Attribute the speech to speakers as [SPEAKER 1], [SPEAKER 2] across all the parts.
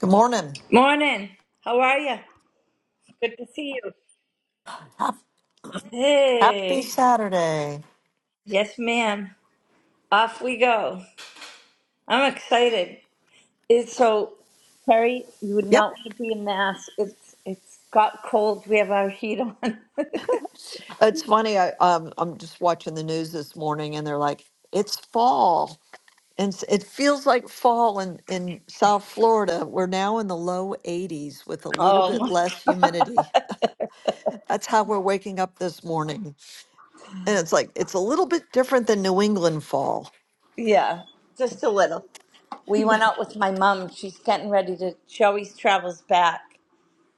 [SPEAKER 1] Good morning.
[SPEAKER 2] Morning. How are you? Good to see you.
[SPEAKER 1] Hap- Happy
[SPEAKER 2] Hey.
[SPEAKER 1] Saturday.
[SPEAKER 2] Yes, ma'am. Off we go. I'm excited. It's so Terry, you would
[SPEAKER 1] Yep.
[SPEAKER 2] not want to be in mass. It's it's got cold. We have our heat on.
[SPEAKER 1] It's funny. I, um, I'm just watching the news this morning and they're like, it's fall. And s- it feels like fall in, in South Florida. We're now in the low 80s with a little
[SPEAKER 2] oh
[SPEAKER 1] bit
[SPEAKER 2] my
[SPEAKER 1] less humidity. That's how we're waking up this morning. And it's like, it's a little bit different than New England fall.
[SPEAKER 2] yeah. Just a little. We went out with my mom. She's getting ready to she always travels back.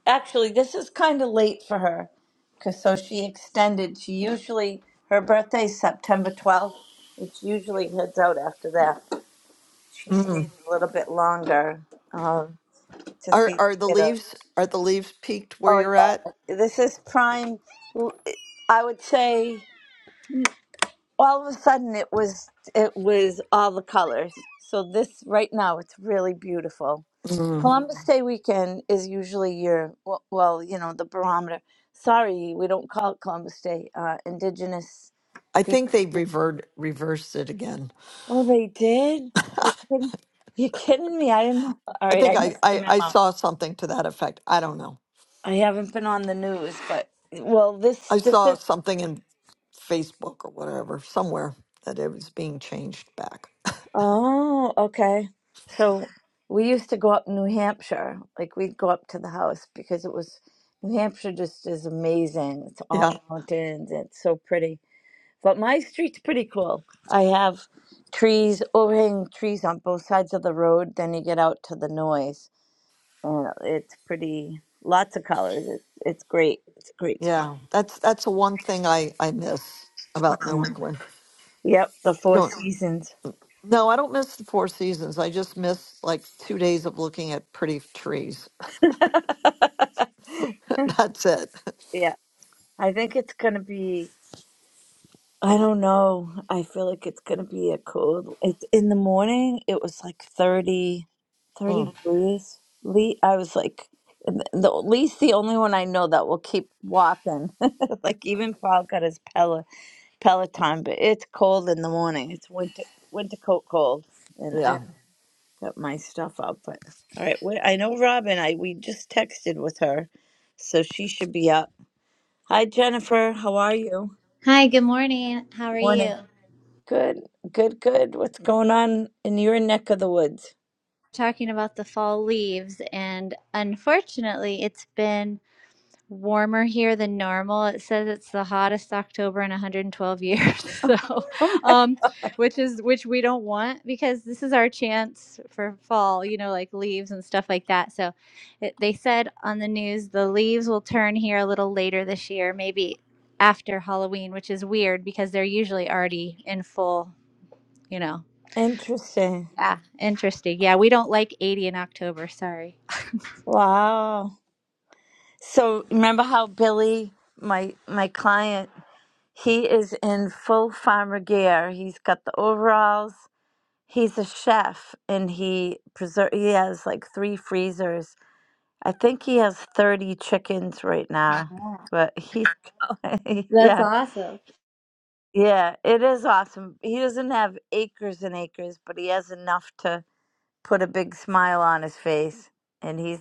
[SPEAKER 2] actually this is kind of late for her because so she extended she usually her birthday's september 12th It usually heads out after that she
[SPEAKER 1] Mm.
[SPEAKER 2] stayed a little bit longer um, to
[SPEAKER 1] Are,
[SPEAKER 2] see the
[SPEAKER 1] are the
[SPEAKER 2] kiddo
[SPEAKER 1] leaves, are the leaves peaked where
[SPEAKER 2] oh
[SPEAKER 1] you're at?
[SPEAKER 2] yeah this is prime i would say all of a sudden it was it was all the colors so this right now it's really beautiful
[SPEAKER 1] Mm.
[SPEAKER 2] Columbus Day weekend is usually your well, well, you know, the barometer. Sorry, we don't call it Columbus Day. Uh, Indigenous
[SPEAKER 1] I
[SPEAKER 2] people.
[SPEAKER 1] think they revert, reversed it again.
[SPEAKER 2] Oh, they did. You're kidding. You're kidding me. I didn't know. All
[SPEAKER 1] I
[SPEAKER 2] right,
[SPEAKER 1] think
[SPEAKER 2] I
[SPEAKER 1] I,
[SPEAKER 2] missed the
[SPEAKER 1] I, I
[SPEAKER 2] memo.
[SPEAKER 1] saw something to that effect. I don't know.
[SPEAKER 2] I haven't been on the news, but well, this
[SPEAKER 1] I
[SPEAKER 2] this
[SPEAKER 1] saw
[SPEAKER 2] is.
[SPEAKER 1] something in Facebook or whatever, somewhere that it was being changed back.
[SPEAKER 2] Oh, okay. So we used to go up New Hampshire. Like we'd go up to the house because it was New Hampshire. Just is amazing. It's all
[SPEAKER 1] Yeah.
[SPEAKER 2] mountains. It's so pretty. But my street's pretty cool. I have trees, overhanging trees on both sides of the road. Then you get out to the noise, and it's pretty. Lots of colors. It's it's great. It's a great spot.
[SPEAKER 1] Yeah. That's that's the one thing I, I miss about New England.
[SPEAKER 2] Yep, the Four
[SPEAKER 1] Don't
[SPEAKER 2] Seasons.
[SPEAKER 1] no, I don't miss the four seasons. I just miss like two days of looking at pretty trees.
[SPEAKER 2] yeah,
[SPEAKER 1] That's it.
[SPEAKER 2] I think it's gonna be I don't know. I feel like it's gonna be a cold. It's in the morning. It was like 30, thirty
[SPEAKER 1] Mm,
[SPEAKER 2] degrees. Le I was like, the, the least the only one I know that will keep walking. Like even Paul got his Pel Peloton, but it's cold in the morning. It's winter winter coat cold, and I
[SPEAKER 1] yeah.
[SPEAKER 2] got my stuff up. But all right, wait, I know Robin. I we just texted with her, so she should be up. Hi Jennifer, how are you?
[SPEAKER 3] Hi, good morning. How are
[SPEAKER 2] Morning.
[SPEAKER 3] you?
[SPEAKER 2] Good, good, good. What's going on in your neck of the woods?
[SPEAKER 3] Talking about the fall leaves, and unfortunately, it's been warmer here than normal. It says it's the hottest October in 112 years. So,
[SPEAKER 2] Oh my
[SPEAKER 3] um, which is which we don't want because this is our chance for fall, you know, like leaves and stuff like that. So, it, they said on the news the leaves will turn here a little later this year, maybe after Halloween, which is weird because they're usually already in full, you know.
[SPEAKER 2] Interesting.
[SPEAKER 3] Yeah, interesting. Yeah, we don't like 80 in October. Sorry.
[SPEAKER 2] Wow. So remember how Billy, my my client, he is in full farmer gear. He's got the overalls. He's a chef and he preserve he has like three freezers. I think he has 30 chickens right
[SPEAKER 3] Yeah.
[SPEAKER 2] now. But he's
[SPEAKER 3] That's
[SPEAKER 2] yeah.
[SPEAKER 3] awesome.
[SPEAKER 2] Yeah, it is awesome. He doesn't have acres and acres, but he has enough to put a big smile on his face and he's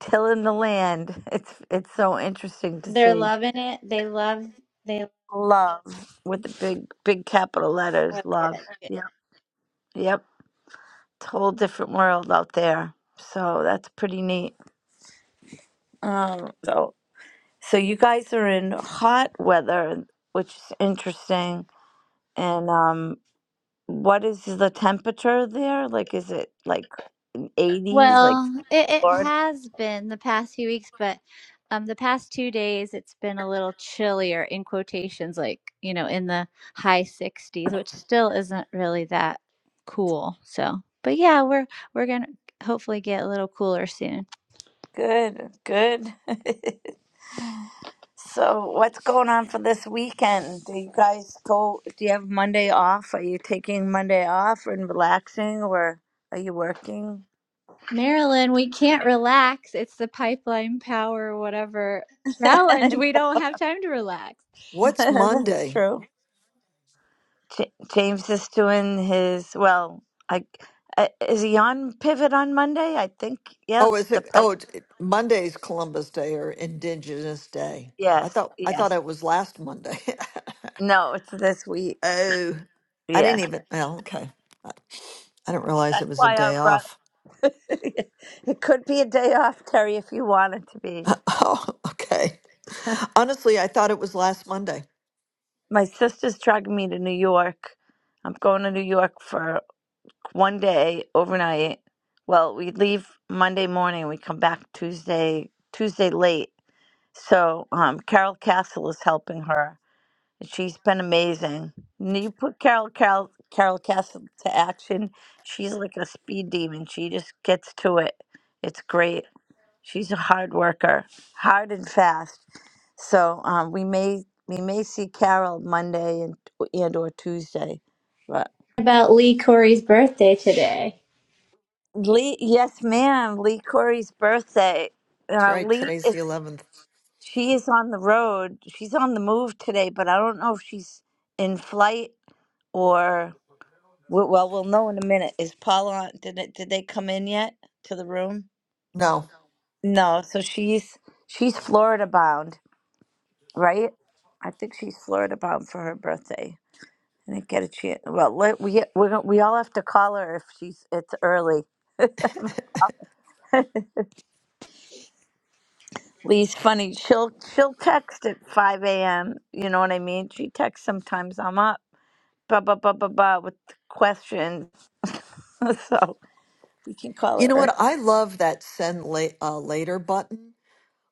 [SPEAKER 2] tilling the land. It's it's so interesting to
[SPEAKER 3] They're
[SPEAKER 2] see.
[SPEAKER 3] loving it. They love they
[SPEAKER 2] Love with the big big capital letters,
[SPEAKER 3] love
[SPEAKER 2] love.
[SPEAKER 3] it.
[SPEAKER 2] Yep. Yep. It's a whole different world out there. So that's pretty neat. Um so so you guys are in hot weather, which is interesting. And um what is the temperature there? Like is it like eighties, like
[SPEAKER 3] Well, it, it
[SPEAKER 2] Florida?
[SPEAKER 3] has been the past few weeks, but um the past two days it's been a little chillier in quotations, like, you know, in the high sixties, which still isn't really that cool. So but yeah, we're we're gonna hopefully get a little cooler soon.
[SPEAKER 2] Good, good. So, what's going on for this weekend? Do you guys go? Do you have Monday off? Are you taking Monday off and relaxing, or are you working?
[SPEAKER 3] Marilyn, we can't relax. It's the pipeline power, whatever challenge. We don't have time to relax.
[SPEAKER 1] What's
[SPEAKER 2] That's
[SPEAKER 1] Monday?
[SPEAKER 2] true. J- James is doing his well. I, I is he on pivot on Monday? I think. Yeah,
[SPEAKER 1] Oh,
[SPEAKER 2] it's
[SPEAKER 1] is
[SPEAKER 2] the
[SPEAKER 1] it
[SPEAKER 2] pri-
[SPEAKER 1] oh it's, it, Monday's Columbus Day or Indigenous Day. I
[SPEAKER 2] yes,
[SPEAKER 1] thought I thought
[SPEAKER 2] yes.
[SPEAKER 1] it was last Monday.
[SPEAKER 2] No, it's this week.
[SPEAKER 1] Oh, I didn't
[SPEAKER 2] Yes,
[SPEAKER 1] even. Well, okay. I I didn't realize it
[SPEAKER 2] that's
[SPEAKER 1] was a
[SPEAKER 2] why I
[SPEAKER 1] day
[SPEAKER 2] brought.
[SPEAKER 1] off.
[SPEAKER 2] it could be a day off, Terry, if you want it to be.
[SPEAKER 1] Oh, okay. Honestly, I thought it was last Monday.
[SPEAKER 2] my sister's dragging me to New York. I'm going to New York for one day overnight. Well, we leave Monday morning. We come back Tuesday Tuesday late. So um, Carol Castle is helping her. and She's been amazing. And you put Carol Carol Carol Castle to action. She's like a speed demon. She just gets to it. It's great. She's a hard worker, hard and fast. So um, we may we may see Carol Monday and and or Tuesday. But
[SPEAKER 3] About Lee Corey's birthday today.
[SPEAKER 2] Lee, yes, ma'am. Lee Corey's birthday.
[SPEAKER 1] That's
[SPEAKER 2] Uh,
[SPEAKER 1] right.
[SPEAKER 2] Lee
[SPEAKER 1] Today's
[SPEAKER 2] is
[SPEAKER 1] the 11th.
[SPEAKER 2] she is on the road. She's on the move today, but I don't know if she's in flight or we- well, we'll know in a minute. Is Paula? on- Did it, did they come in yet to the room?
[SPEAKER 1] No.
[SPEAKER 2] No. So she's she's Florida bound. right? I think she's Florida bound for her birthday. I didn't get a chance. Well, let, we we're, going we all have to call her if she's it's early. Lee's funny. She'll she'll text at five a.m. You know what I mean? She texts sometimes. I'm up, blah blah blah blah blah, with questions. so we can call
[SPEAKER 1] You know what?
[SPEAKER 2] her.
[SPEAKER 1] I love that send la- uh, later button.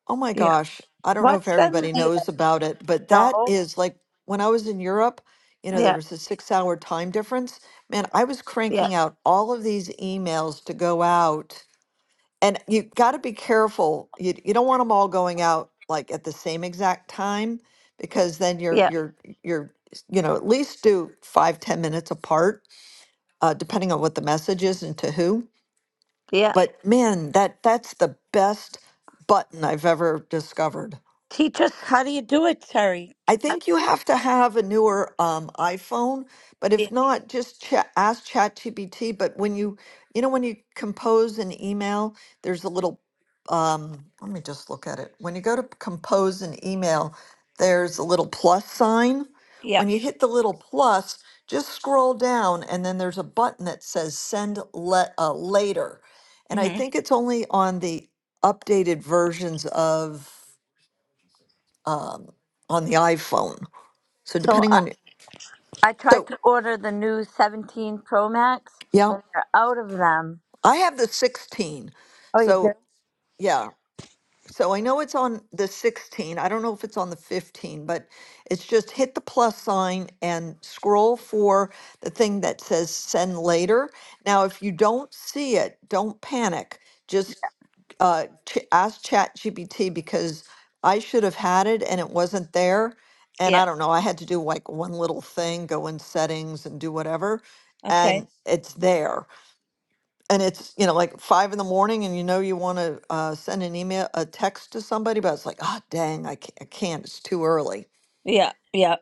[SPEAKER 1] Oh my
[SPEAKER 2] ear- Yeah.
[SPEAKER 1] gosh. I don't know if
[SPEAKER 2] What's then
[SPEAKER 1] everybody
[SPEAKER 2] later?
[SPEAKER 1] knows about it, but that
[SPEAKER 2] No.
[SPEAKER 1] is like when I was in Europe, you know, there
[SPEAKER 2] Yeah.
[SPEAKER 1] was a six hour time difference. Man, I was
[SPEAKER 2] Yeah.
[SPEAKER 1] cranking out all of these emails to go out And you got to be careful. You you don't want them all going out like at the same exact time because then you're
[SPEAKER 2] Yeah.
[SPEAKER 1] you're you're you know at least do five ten minutes apart, uh, depending on what the message is and to who.
[SPEAKER 2] Yeah.
[SPEAKER 1] But man, that that's the best button I've ever discovered
[SPEAKER 2] Teach us how do you do it, Terry?
[SPEAKER 1] I think you have to have a newer um, iPhone, but if
[SPEAKER 2] Yeah.
[SPEAKER 1] not, just chat, ask ChatGPT. But when you, you know, when you compose an email, there's a little, um, let me just look at it. When you go to compose an email, there's a little plus sign.
[SPEAKER 2] Yeah.
[SPEAKER 1] When you hit the little plus, just scroll down, and then there's a button that says send le- uh, later. And I
[SPEAKER 2] hmm
[SPEAKER 1] think it's only on the updated versions of um, on the iPhone. So
[SPEAKER 2] So
[SPEAKER 1] depending on,
[SPEAKER 2] I tried
[SPEAKER 1] so
[SPEAKER 2] to order the new 17 Pro Max
[SPEAKER 1] yeah,
[SPEAKER 2] and they're out of them.
[SPEAKER 1] I have the 16.
[SPEAKER 2] Oh, you do?
[SPEAKER 1] So yeah, so I know it's on the 16. I don't know if it's on the 15, but it's just hit the plus sign and scroll for the thing that says send later. Now, if you don't see it, don't panic. Just uh, ch- ask ChatGPT because I should have had it and it wasn't there. And I
[SPEAKER 2] Yeah.
[SPEAKER 1] don't know, I had to do like one little thing, go in settings and do whatever, and
[SPEAKER 2] Okay.
[SPEAKER 1] it's there and it's you know like five in the morning and you know you want to uh, send an email a text to somebody but it's like oh dang I can't, I can't it's too early
[SPEAKER 2] Yeah. Yeah.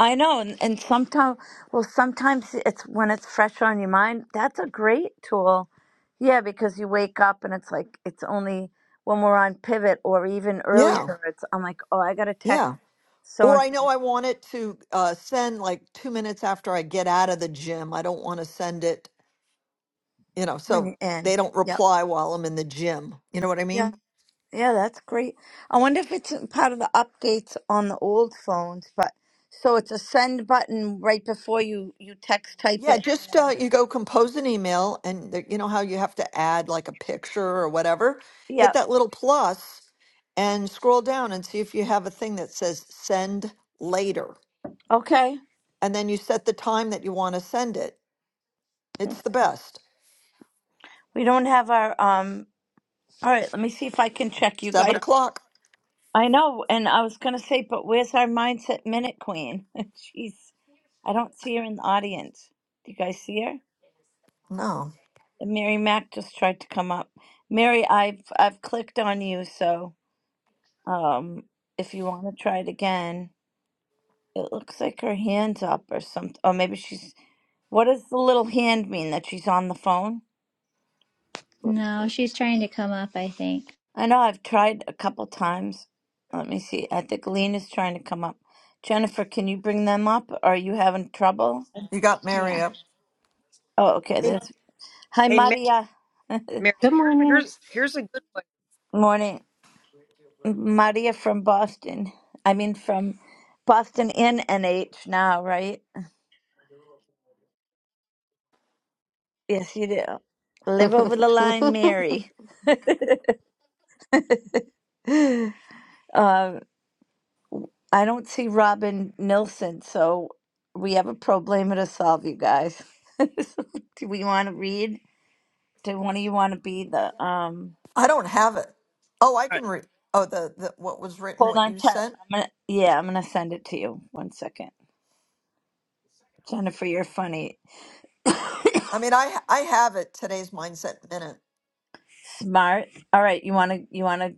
[SPEAKER 2] I know. And, and sometimes, well, sometimes it's when it's fresh on your mind. That's a great tool. Yeah. Because you wake up and it's like, it's only when we're on pivot or even early Yeah.
[SPEAKER 1] yeah
[SPEAKER 2] birds. I'm like, oh, I got to text
[SPEAKER 1] yeah
[SPEAKER 2] so
[SPEAKER 1] or
[SPEAKER 2] and
[SPEAKER 1] i know
[SPEAKER 2] so
[SPEAKER 1] i want it to uh, send like two minutes after i get out of the gym i don't want to send it you know
[SPEAKER 2] when
[SPEAKER 1] so
[SPEAKER 2] you're in.
[SPEAKER 1] they don't
[SPEAKER 2] Yep.
[SPEAKER 1] reply while i'm in the gym you know what i
[SPEAKER 2] Yeah.
[SPEAKER 1] mean
[SPEAKER 2] Yeah, that's great. I wonder if it's part of the updates on the old phones, but so it's a send button right before you you text type
[SPEAKER 1] Yeah,
[SPEAKER 2] it.
[SPEAKER 1] just uh, you go compose an email, and the, you know how you have to add like a picture or whatever.
[SPEAKER 2] Yeah.
[SPEAKER 1] Hit that little plus and scroll down and see if you have a thing that says send later.
[SPEAKER 2] Okay.
[SPEAKER 1] And then you set the time that you want to send it. It's the best.
[SPEAKER 2] We don't have our um all right, let me see if I can check you
[SPEAKER 1] Seven
[SPEAKER 2] guys.
[SPEAKER 1] o'clock.
[SPEAKER 2] I know, and I was gonna say, but where's our mindset minute queen? She's I don't see her in the audience. Do you guys see her?
[SPEAKER 1] No,
[SPEAKER 2] And Mary Mac just tried to come up. Mary, I've I've clicked on you, so um if you wanna try it again. It looks like her hand's up or something. Or maybe she's. What does the little hand mean that she's on the phone?
[SPEAKER 3] No, she's trying to come up, I think.
[SPEAKER 2] I know I've tried a couple times. Let me see. I think Lena's trying to come up. Jennifer, can you bring them up? Are you having trouble?
[SPEAKER 1] you got Mary
[SPEAKER 3] Yeah.
[SPEAKER 1] up.
[SPEAKER 2] Oh, okay.
[SPEAKER 4] Hey,
[SPEAKER 2] That's hi,
[SPEAKER 4] hey, Mary,
[SPEAKER 2] Maria.
[SPEAKER 4] Mary,
[SPEAKER 5] Good morning.
[SPEAKER 4] here's here's a good one.
[SPEAKER 2] Morning, Maria from Boston. I mean, from Boston in NH now, right? Yes, you do. Live over the line, Mary. Um, I don't see Robin Nilsson, so we have a problem to solve, you guys. Do we want to read? Do one of you want to be the um?
[SPEAKER 1] I don't have it. Oh, I can read. Oh, the, the what was written,
[SPEAKER 2] Hold
[SPEAKER 1] what
[SPEAKER 2] on,
[SPEAKER 1] you
[SPEAKER 2] Ter-
[SPEAKER 1] sent.
[SPEAKER 2] I'm gonna yeah, I'm gonna send it to you. One second, Jennifer, you're funny,
[SPEAKER 1] I mean, I I have it. Today's mindset minute.
[SPEAKER 2] smart. All right, you wanna you wanna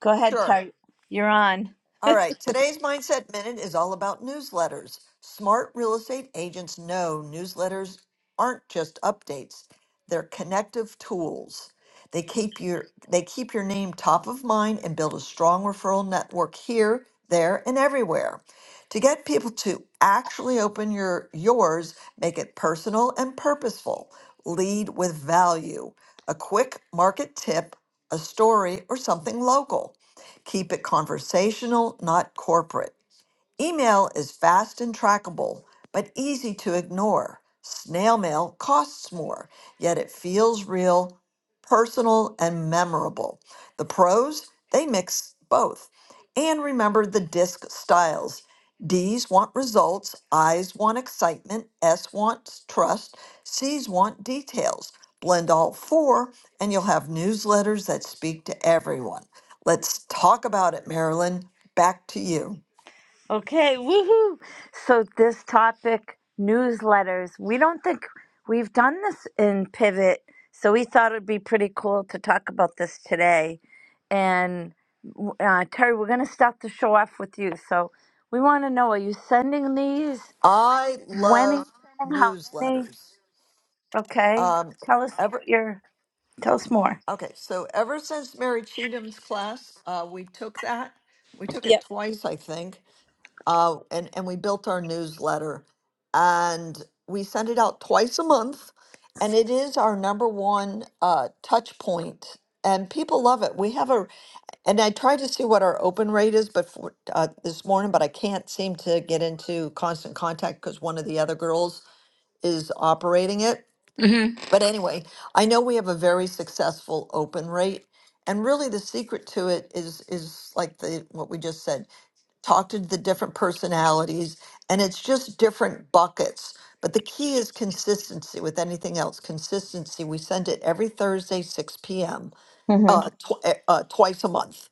[SPEAKER 2] go ahead,
[SPEAKER 1] Sure.
[SPEAKER 2] Terry. You're on.
[SPEAKER 1] All right, today's Mindset Minute is all about newsletters. Smart real estate agents know newsletters aren't just updates, they're connective tools. They keep your they keep your name top of mind and build a strong referral network here, there, and everywhere. To get people to actually open your yours, make it personal and purposeful. Lead with value. A quick market tip, a story, or something local. Keep it conversational, not corporate. Email is fast and trackable, but easy to ignore. Snail mail costs more, yet it feels real, personal, and memorable. The pros, they mix both. And remember the disc styles. D's want results, I's want excitement, S wants trust, C's want details. Blend all four, and you'll have newsletters that speak to everyone. Let's talk about it, Marilyn. Back to you.
[SPEAKER 2] Okay, woohoo! So, this topic newsletters, we don't think we've done this in Pivot, so we thought it'd be pretty cool to talk about this today. And uh, Terry, we're going to start the show off with you. So, we want to know are you sending these?
[SPEAKER 1] I
[SPEAKER 2] When are you
[SPEAKER 1] love
[SPEAKER 2] sending? How many?
[SPEAKER 1] newsletters.
[SPEAKER 2] Okay,
[SPEAKER 1] Um,
[SPEAKER 2] tell us
[SPEAKER 1] ever
[SPEAKER 2] your, tell us more.
[SPEAKER 1] okay, so ever since Mary Cheatham's class, uh, we took that. We took it
[SPEAKER 2] Yep.
[SPEAKER 1] twice, I think, uh, and and we built our newsletter, and we send it out twice a month, and it is our number one uh, touch point, and people love it. We have a, and I tried to see what our open rate is, but for, uh, this morning, but I can't seem to get into constant contact because one of the other girls is operating it. But anyway, I know we have a very successful open rate. And really the secret to it is is like the what we just said, talk to the different personalities and it's just different buckets. But the key is consistency with anything else. Consistency. We send it every Thursday, 6 p.m.
[SPEAKER 2] hmm
[SPEAKER 1] Uh, tw- eh, uh, twice a month.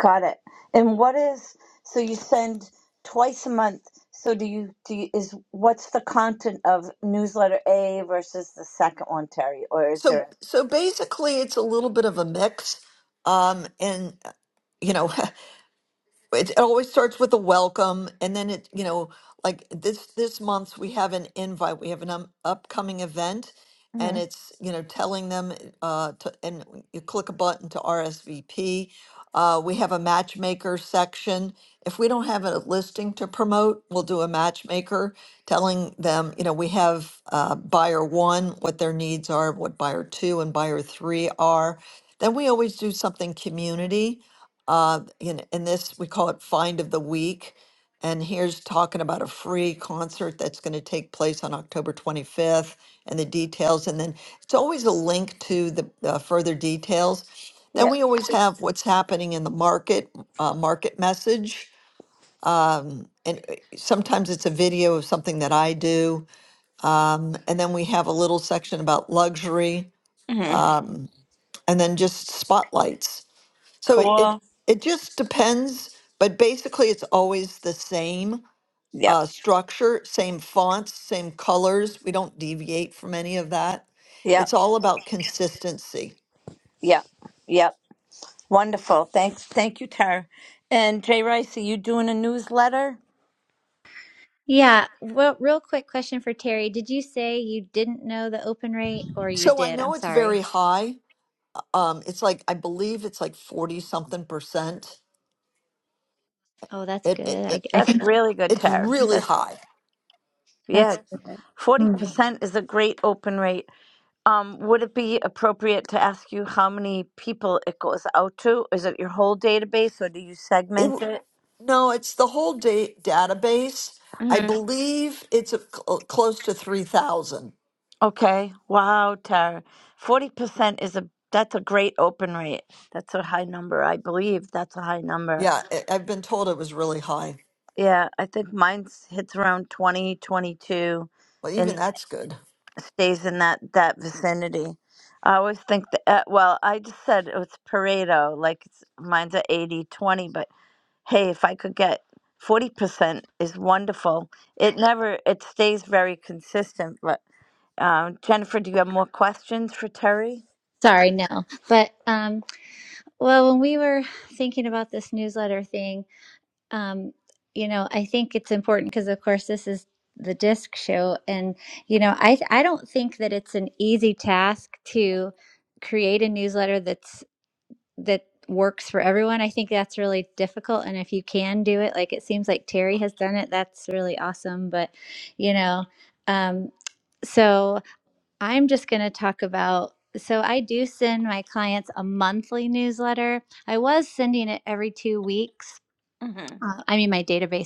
[SPEAKER 2] Got it. And what is so you send twice a month? So do you do you, is what's the content of newsletter A versus the second one, Terry? Or is
[SPEAKER 1] So
[SPEAKER 2] there?
[SPEAKER 1] so basically, it's a little bit of a mix. Um, and uh, you know, it it always starts with a welcome and then it you know like this this month we have an invite we have an um, upcoming event and
[SPEAKER 2] Mhm.
[SPEAKER 1] it's you know telling them uh to, and you click a button to RSVP uh, we have a matchmaker section if we don't have a listing to promote we'll do a matchmaker telling them you know we have uh, buyer one what their needs are what buyer two and buyer three are then we always do something community uh, in, in this, we call it Find of the Week. And here's talking about a free concert that's going to take place on October 25th and the details. And then it's always a link to the uh, further details. Then
[SPEAKER 2] Yeah.
[SPEAKER 1] we always have what's happening in the market, uh, market message. And uh, sometimes it's a video of something that I do. Um, and then we have a little section about luxury
[SPEAKER 2] hmm
[SPEAKER 1] and then just spotlights. So it, it
[SPEAKER 2] Cool.
[SPEAKER 1] it just depends, but basically it's always the same
[SPEAKER 2] Yep.
[SPEAKER 1] uh, structure, same fonts, same colors. We don't deviate from any of that. It's
[SPEAKER 2] Yep.
[SPEAKER 1] all about consistency.
[SPEAKER 2] Yep. Yep. Wonderful. Thanks. Thank you, Tara. And Jay Rice, are you doing a newsletter?
[SPEAKER 3] Yeah. Well, real quick question for Terry. Did you say you didn't know the open rate or you
[SPEAKER 1] So I
[SPEAKER 3] did? I'm
[SPEAKER 1] know it's very
[SPEAKER 3] sorry.
[SPEAKER 1] high. Um, it's like I believe it's like forty something percent.
[SPEAKER 3] Oh, that's
[SPEAKER 1] It, it,
[SPEAKER 3] good. I,
[SPEAKER 1] it
[SPEAKER 3] I
[SPEAKER 2] That's
[SPEAKER 3] think
[SPEAKER 2] really good,
[SPEAKER 1] it's
[SPEAKER 2] Tara.
[SPEAKER 1] really
[SPEAKER 2] That's
[SPEAKER 1] high.
[SPEAKER 2] yeah.
[SPEAKER 3] that's good.
[SPEAKER 2] Forty
[SPEAKER 3] Hmm.
[SPEAKER 2] percent is a great open rate. Um, would it be appropriate to ask you how many people it goes out to? Is it your whole database or do you
[SPEAKER 1] It
[SPEAKER 2] segment
[SPEAKER 1] w-
[SPEAKER 2] it?
[SPEAKER 1] no, it's the whole da- database. I
[SPEAKER 2] hmm
[SPEAKER 1] believe it's a, cl- close to three thousand.
[SPEAKER 2] Okay. Wow, Tara. Forty percent is a that's a great open rate. That's a high number, I believe. That's a high number.
[SPEAKER 1] Yeah, I I've been told it was really high.
[SPEAKER 2] Yeah, I think mine hits around 20, 22,
[SPEAKER 1] Well, even
[SPEAKER 2] and
[SPEAKER 1] that's good.
[SPEAKER 2] stays in that that vicinity. I always think that, uh, well, I just said it's Pareto, like it's, mine's at 80 20, but hey, if I could get 40% is wonderful. It never, it stays very consistent. But um, Jennifer, do you have more questions for Terry?
[SPEAKER 3] Sorry, no. But um well, when we were thinking about this newsletter thing, um, you know, I think it's important because, of course, this is the disc show, and you know, I I don't think that it's an easy task to create a newsletter that's that works for everyone. I think that's really difficult, and if you can do it, like it seems like Terry has done it, that's really awesome. But you know, um, so I'm just going to talk about. So I do send my clients a monthly newsletter. I was sending it every two weeks.
[SPEAKER 2] Mhm.
[SPEAKER 3] Uh, I mean, my database.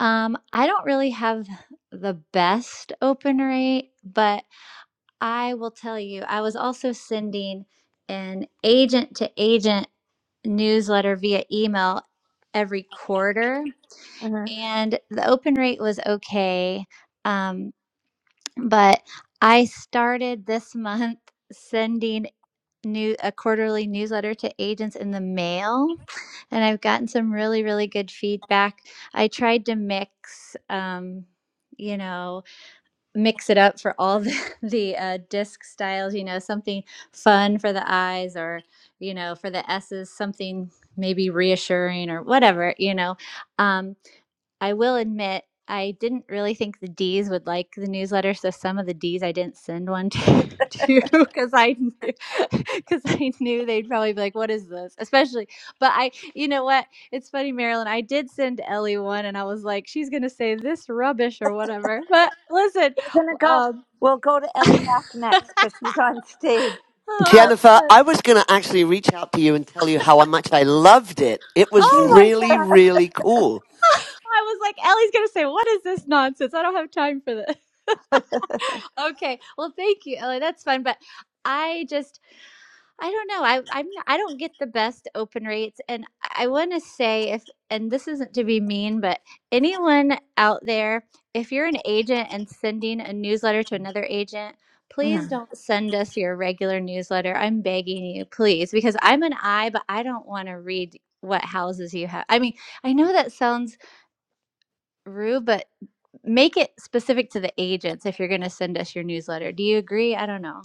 [SPEAKER 3] Um, I don't really have the best open rate, but I will tell you, I was also sending an agent to agent newsletter via email every quarter,
[SPEAKER 2] Mhm.
[SPEAKER 3] and the open rate was okay. Um, but I started this month sending new a quarterly newsletter to agents in the mail and I've gotten some really really good feedback. I tried to mix um you know mix it up for all the, the uh, disc styles you know something fun for the eyes or you know for the s's something maybe reassuring or whatever you know um I will admit I didn't really think the D's would like the newsletter, so some of the D's I didn't send one to because I knew because I knew they'd probably be like, "What is this?" Especially, but I, you know what? It's funny, Marilyn. I did send Ellie one, and I was like, "She's gonna say this rubbish or whatever." But listen,
[SPEAKER 2] We're going to go,
[SPEAKER 3] um,
[SPEAKER 2] we'll go to Ellie Mack next because she's on stage.
[SPEAKER 3] oh, that's
[SPEAKER 6] Jennifer,
[SPEAKER 3] fun.
[SPEAKER 6] I was going to actually reach out to you and tell you how much I loved it. It was
[SPEAKER 3] Oh
[SPEAKER 2] Um,
[SPEAKER 3] my
[SPEAKER 6] really,
[SPEAKER 3] god!
[SPEAKER 6] really cool.
[SPEAKER 3] I was like, Ellie's gonna say, "What is this nonsense?" I don't have time for this. okay. Well, thank you, Ellie. That's fun, but I just I don't know. I I'm I don't get the best open rates, and I want to say if and this isn't to be mean, but anyone out there, if you're an agent and sending a newsletter to another agent. Please don't send us your regular newsletter. I'm begging you, please, because I'm an I, but I don't want to read what houses you have. I mean, I know that sounds rude, but make it specific to the agents if you're going to send us your newsletter. Do you agree? I don't know.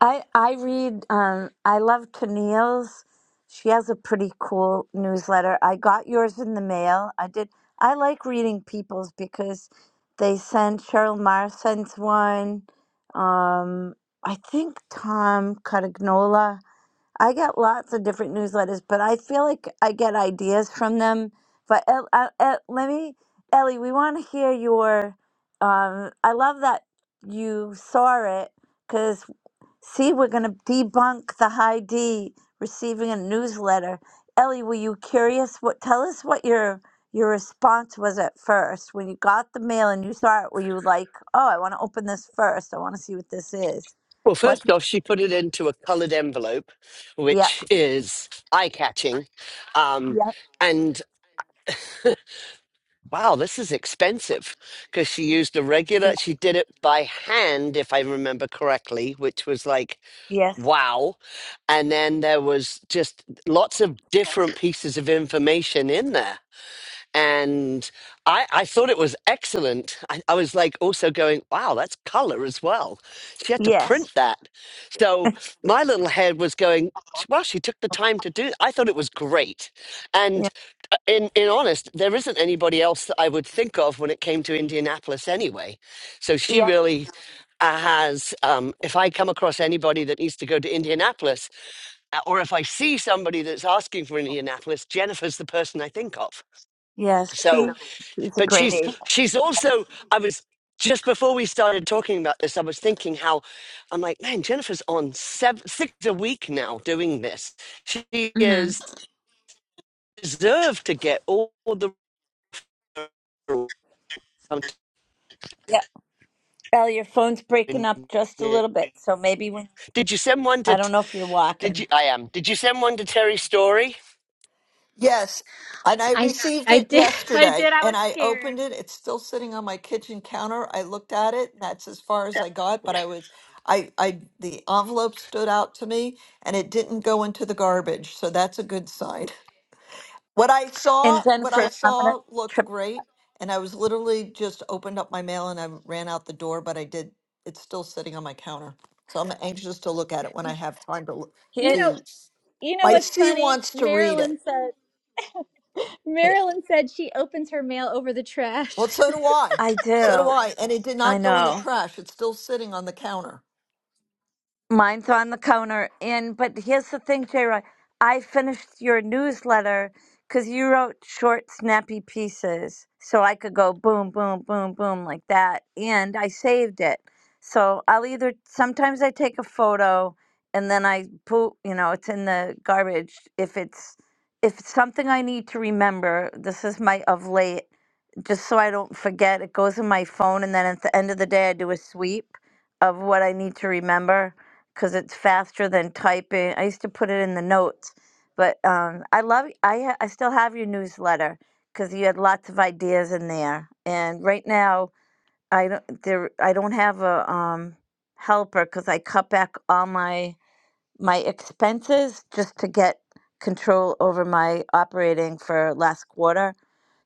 [SPEAKER 2] I I read um I love Tennille's. She has a pretty cool newsletter. I got yours in the mail. I did I like reading people's because they send Cheryl Maher sends one. Um I think Tom Cotignola. I get lots of different newsletters, but I feel like I get ideas from them. But El, El, El- let me, Ellie, we want to hear your. Um, I love that you saw it 'cause See, we're going to debunk the high D receiving a newsletter. Ellie, were you curious? What tell us what your your response was at first when you got the mail and you saw it. Were you like, "Oh, I want to open this first. I want to see what this is."
[SPEAKER 6] Well,
[SPEAKER 2] What?
[SPEAKER 6] first off, she put it into a coloured envelope,
[SPEAKER 2] Yeah.
[SPEAKER 6] which is eye catching. Um,
[SPEAKER 2] Yeah.
[SPEAKER 6] and wow, this is expensive because she used a
[SPEAKER 2] yeah,
[SPEAKER 6] regular, she did it by hand, if I remember correctly, which was like,
[SPEAKER 2] Yes.
[SPEAKER 6] wow. And then there was just lots of different pieces of information in there. and I, I thought it was excellent. I, I was like also going, wow, that's color as well. She had to
[SPEAKER 2] Yes.
[SPEAKER 6] print that. So my little head was going, "Sh- well, she took the time to do. I thought it was great. And
[SPEAKER 2] Yeah.
[SPEAKER 6] uh, in, in honest, there isn't anybody else that I would think of when it came to Indianapolis anyway. So she
[SPEAKER 2] Yep.
[SPEAKER 6] really uh, has, um, if I come across anybody that needs to go to Indianapolis, uh, or if I see somebody that's asking for Indianapolis, Jennifer's the person I think of.
[SPEAKER 2] Yes.
[SPEAKER 6] So,
[SPEAKER 2] She she's a
[SPEAKER 6] but
[SPEAKER 2] great
[SPEAKER 6] she's
[SPEAKER 2] aide.
[SPEAKER 6] she's also i was just before we started talking about this i was thinking how i'm like man jennifer's on seven six a week now doing this she
[SPEAKER 2] Mm-hmm.
[SPEAKER 6] is deserved to get all the
[SPEAKER 2] Yeah. Ellie, your phone's breaking up just a little bit, so maybe when
[SPEAKER 6] did you send one to
[SPEAKER 2] I
[SPEAKER 6] T-
[SPEAKER 2] don't know if you're
[SPEAKER 6] did you
[SPEAKER 2] walking.
[SPEAKER 6] i am did you send one to terry story
[SPEAKER 1] Yes. And I
[SPEAKER 3] I
[SPEAKER 1] received
[SPEAKER 3] I
[SPEAKER 1] it
[SPEAKER 3] did I did
[SPEAKER 1] yesterday
[SPEAKER 3] I was
[SPEAKER 1] and I
[SPEAKER 3] scared.
[SPEAKER 1] opened it. It's still sitting on my kitchen counter. I looked at it. And that's as far as I got, but I was I I the envelope stood out to me and it didn't go into the garbage. So that's a good sign. What I
[SPEAKER 2] And
[SPEAKER 1] saw, what I
[SPEAKER 2] Jennifer, I'm gonna
[SPEAKER 1] saw looked
[SPEAKER 2] trip.
[SPEAKER 1] great and I was literally just opened up my mail and I ran out the door, but I did it's still sitting on my counter. So I'm anxious to look at it when I have time to look
[SPEAKER 3] You know
[SPEAKER 2] Here,
[SPEAKER 1] to
[SPEAKER 3] you know
[SPEAKER 1] my
[SPEAKER 3] what's
[SPEAKER 1] C
[SPEAKER 3] funny?
[SPEAKER 1] wants to read it.
[SPEAKER 3] Marilyn said
[SPEAKER 2] I
[SPEAKER 3] Marilyn said she opens her mail over the trash.
[SPEAKER 1] Well, so do I.
[SPEAKER 2] I
[SPEAKER 1] So do
[SPEAKER 2] do.
[SPEAKER 1] I. And it did
[SPEAKER 2] I
[SPEAKER 1] not go in the
[SPEAKER 2] know.
[SPEAKER 1] trash. It's still sitting on the counter.
[SPEAKER 2] Mine's on the counter. And but here's the thing, J. Roy. I finished your newsletter because you wrote short, snappy pieces, so I could go boom, boom, boom, boom like that. And I saved it. So I'll either sometimes I take a photo and then I put, you know, it's in the garbage if it's if it's something I need to remember. This is my of late just so I don't forget. It goes in my phone, and then at the end of the day, I do a sweep of what I need to remember because it's faster than typing. I used to put it in the notes, but um, I love. I ha- I still have your newsletter because you had lots of ideas in there. And right now, I don't there. I don't have a um, helper because I cut back all my my expenses just to get control over my operating for last quarter.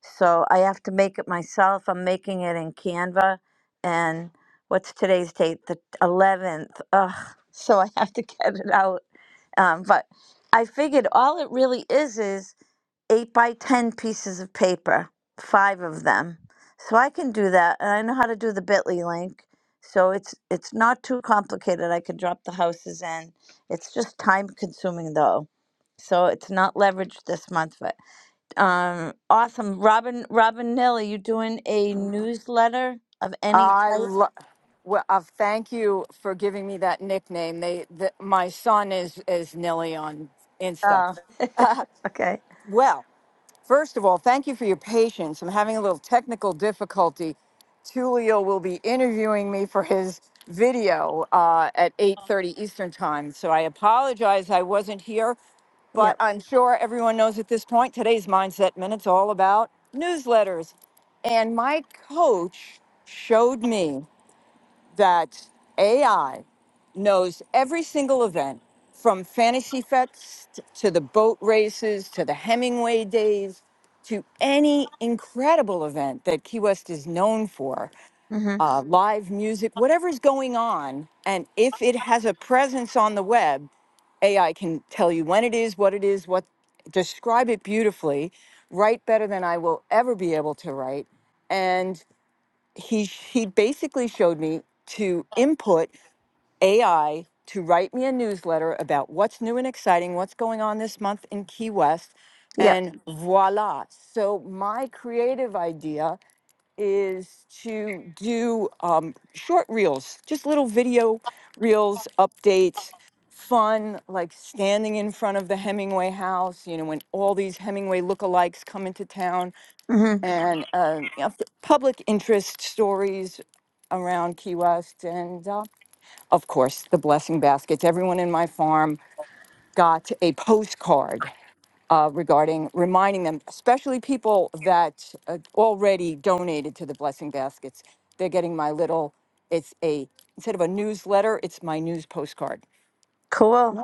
[SPEAKER 2] So I have to make it myself. I'm making it in Canva. And what's today's date? The 11th. Ugh. So I have to get it out. Um, but I figured all it really is is eight by 10 pieces of paper, five of them. So I can do that. And I know how to do the bit.ly link. So it's it's not too complicated. I can drop the houses in. It's just time consuming though. So it's not leveraged this month, but um awesome. Robin Robin Nilly, you doing a newsletter of any
[SPEAKER 7] I
[SPEAKER 2] type?
[SPEAKER 7] lo- well, uh, thank you for giving me that nickname. They, the, my son is is Nilly on Insta.
[SPEAKER 2] Oh, okay.
[SPEAKER 7] Well, first of all, thank you for your patience. I'm having a little technical difficulty. Tulio will be interviewing me for his video uh, at 8:30 Eastern time, so I apologize I wasn't here. But
[SPEAKER 2] Yep.
[SPEAKER 7] I'm sure everyone knows at this point today's Mindset Minute's all about newsletters. And my coach showed me that AI knows every single event from Fantasy Fest to the boat races to the Hemingway days to any incredible event that Key West is known for,
[SPEAKER 2] Mhm.
[SPEAKER 7] uh, live music, whatever's going on. And if it has a presence on the web, AI can tell you when it is, what it is, what describe it beautifully, write better than I will ever be able to write. And he he basically showed me to input AI to write me a newsletter about what's new and exciting, what's going on this month in Key West,
[SPEAKER 2] Yep.
[SPEAKER 7] and voila. So my creative idea is to do um, short reels, just little video reels, updates, fun, like standing in front of the Hemingway house, you know, when all these Hemingway lookalikes come into town
[SPEAKER 2] Mhm.
[SPEAKER 7] and uh, you know, public interest stories around Key West, and uh, of course, the blessing baskets. Everyone in my farm got a postcard uh, regarding reminding them, especially people that uh, already donated to the blessing baskets. They're getting my little, it's a, instead of a newsletter, it's my news postcard.
[SPEAKER 2] Cool.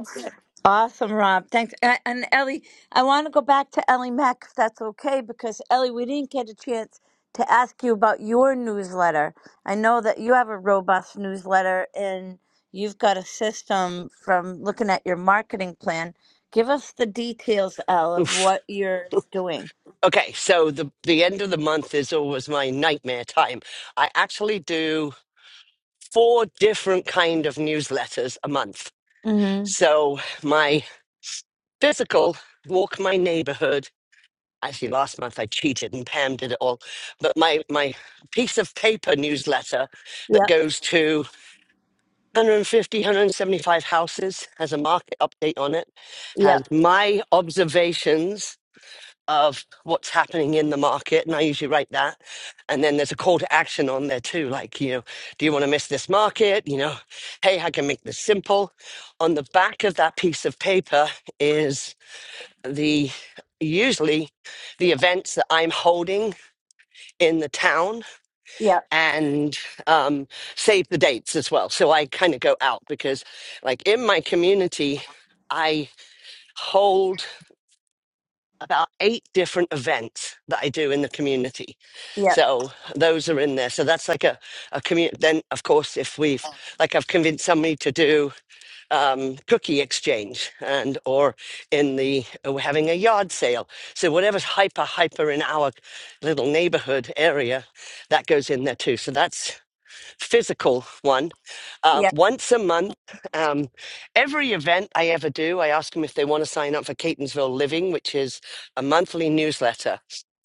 [SPEAKER 2] Awesome, Rob. Thanks. And, and Ellie, I want to go back to Ellie Mack, if that's okay, because Ellie, we didn't get a chance to ask you about your newsletter. I know that you have a robust newsletter and you've got a system from looking at your marketing plan. Give us the details, Elle, of
[SPEAKER 6] Oof.
[SPEAKER 2] what you're doing.
[SPEAKER 6] Okay, so the the end of the month is always my nightmare time. I actually do four different kind of newsletters a month.
[SPEAKER 2] Mm-hmm.
[SPEAKER 6] So my physical walk my neighborhood. Actually, last month I cheated and Pam did it all. But my my piece of paper newsletter that
[SPEAKER 2] Yep,
[SPEAKER 6] goes to 150, 175 houses has a market update on it, has
[SPEAKER 2] yep,
[SPEAKER 6] my observations of what's happening in the market and i usually write that and then there's a call to action on there too like you know do you want to miss this market you know hey i can make this simple on the back of that piece of paper is the usually the events that i'm holding in the town
[SPEAKER 2] yep,
[SPEAKER 6] and um, save the dates as well so i kind of go out because like in my community i hold about eight different events that I do in the community.
[SPEAKER 2] yep,
[SPEAKER 6] So those are in there. So that's like a, a community. Then, of course, if we've, like I've convinced somebody to do um, cookie exchange and, or in the, uh, we're having a yard sale. So whatever's hyper, hyper in our little neighborhood area, that goes in there too. So that's physical one uh,
[SPEAKER 2] yep,
[SPEAKER 6] once a month. Um, every event I ever do, I ask them if they want to sign up for Catonsville Living, which is a monthly newsletter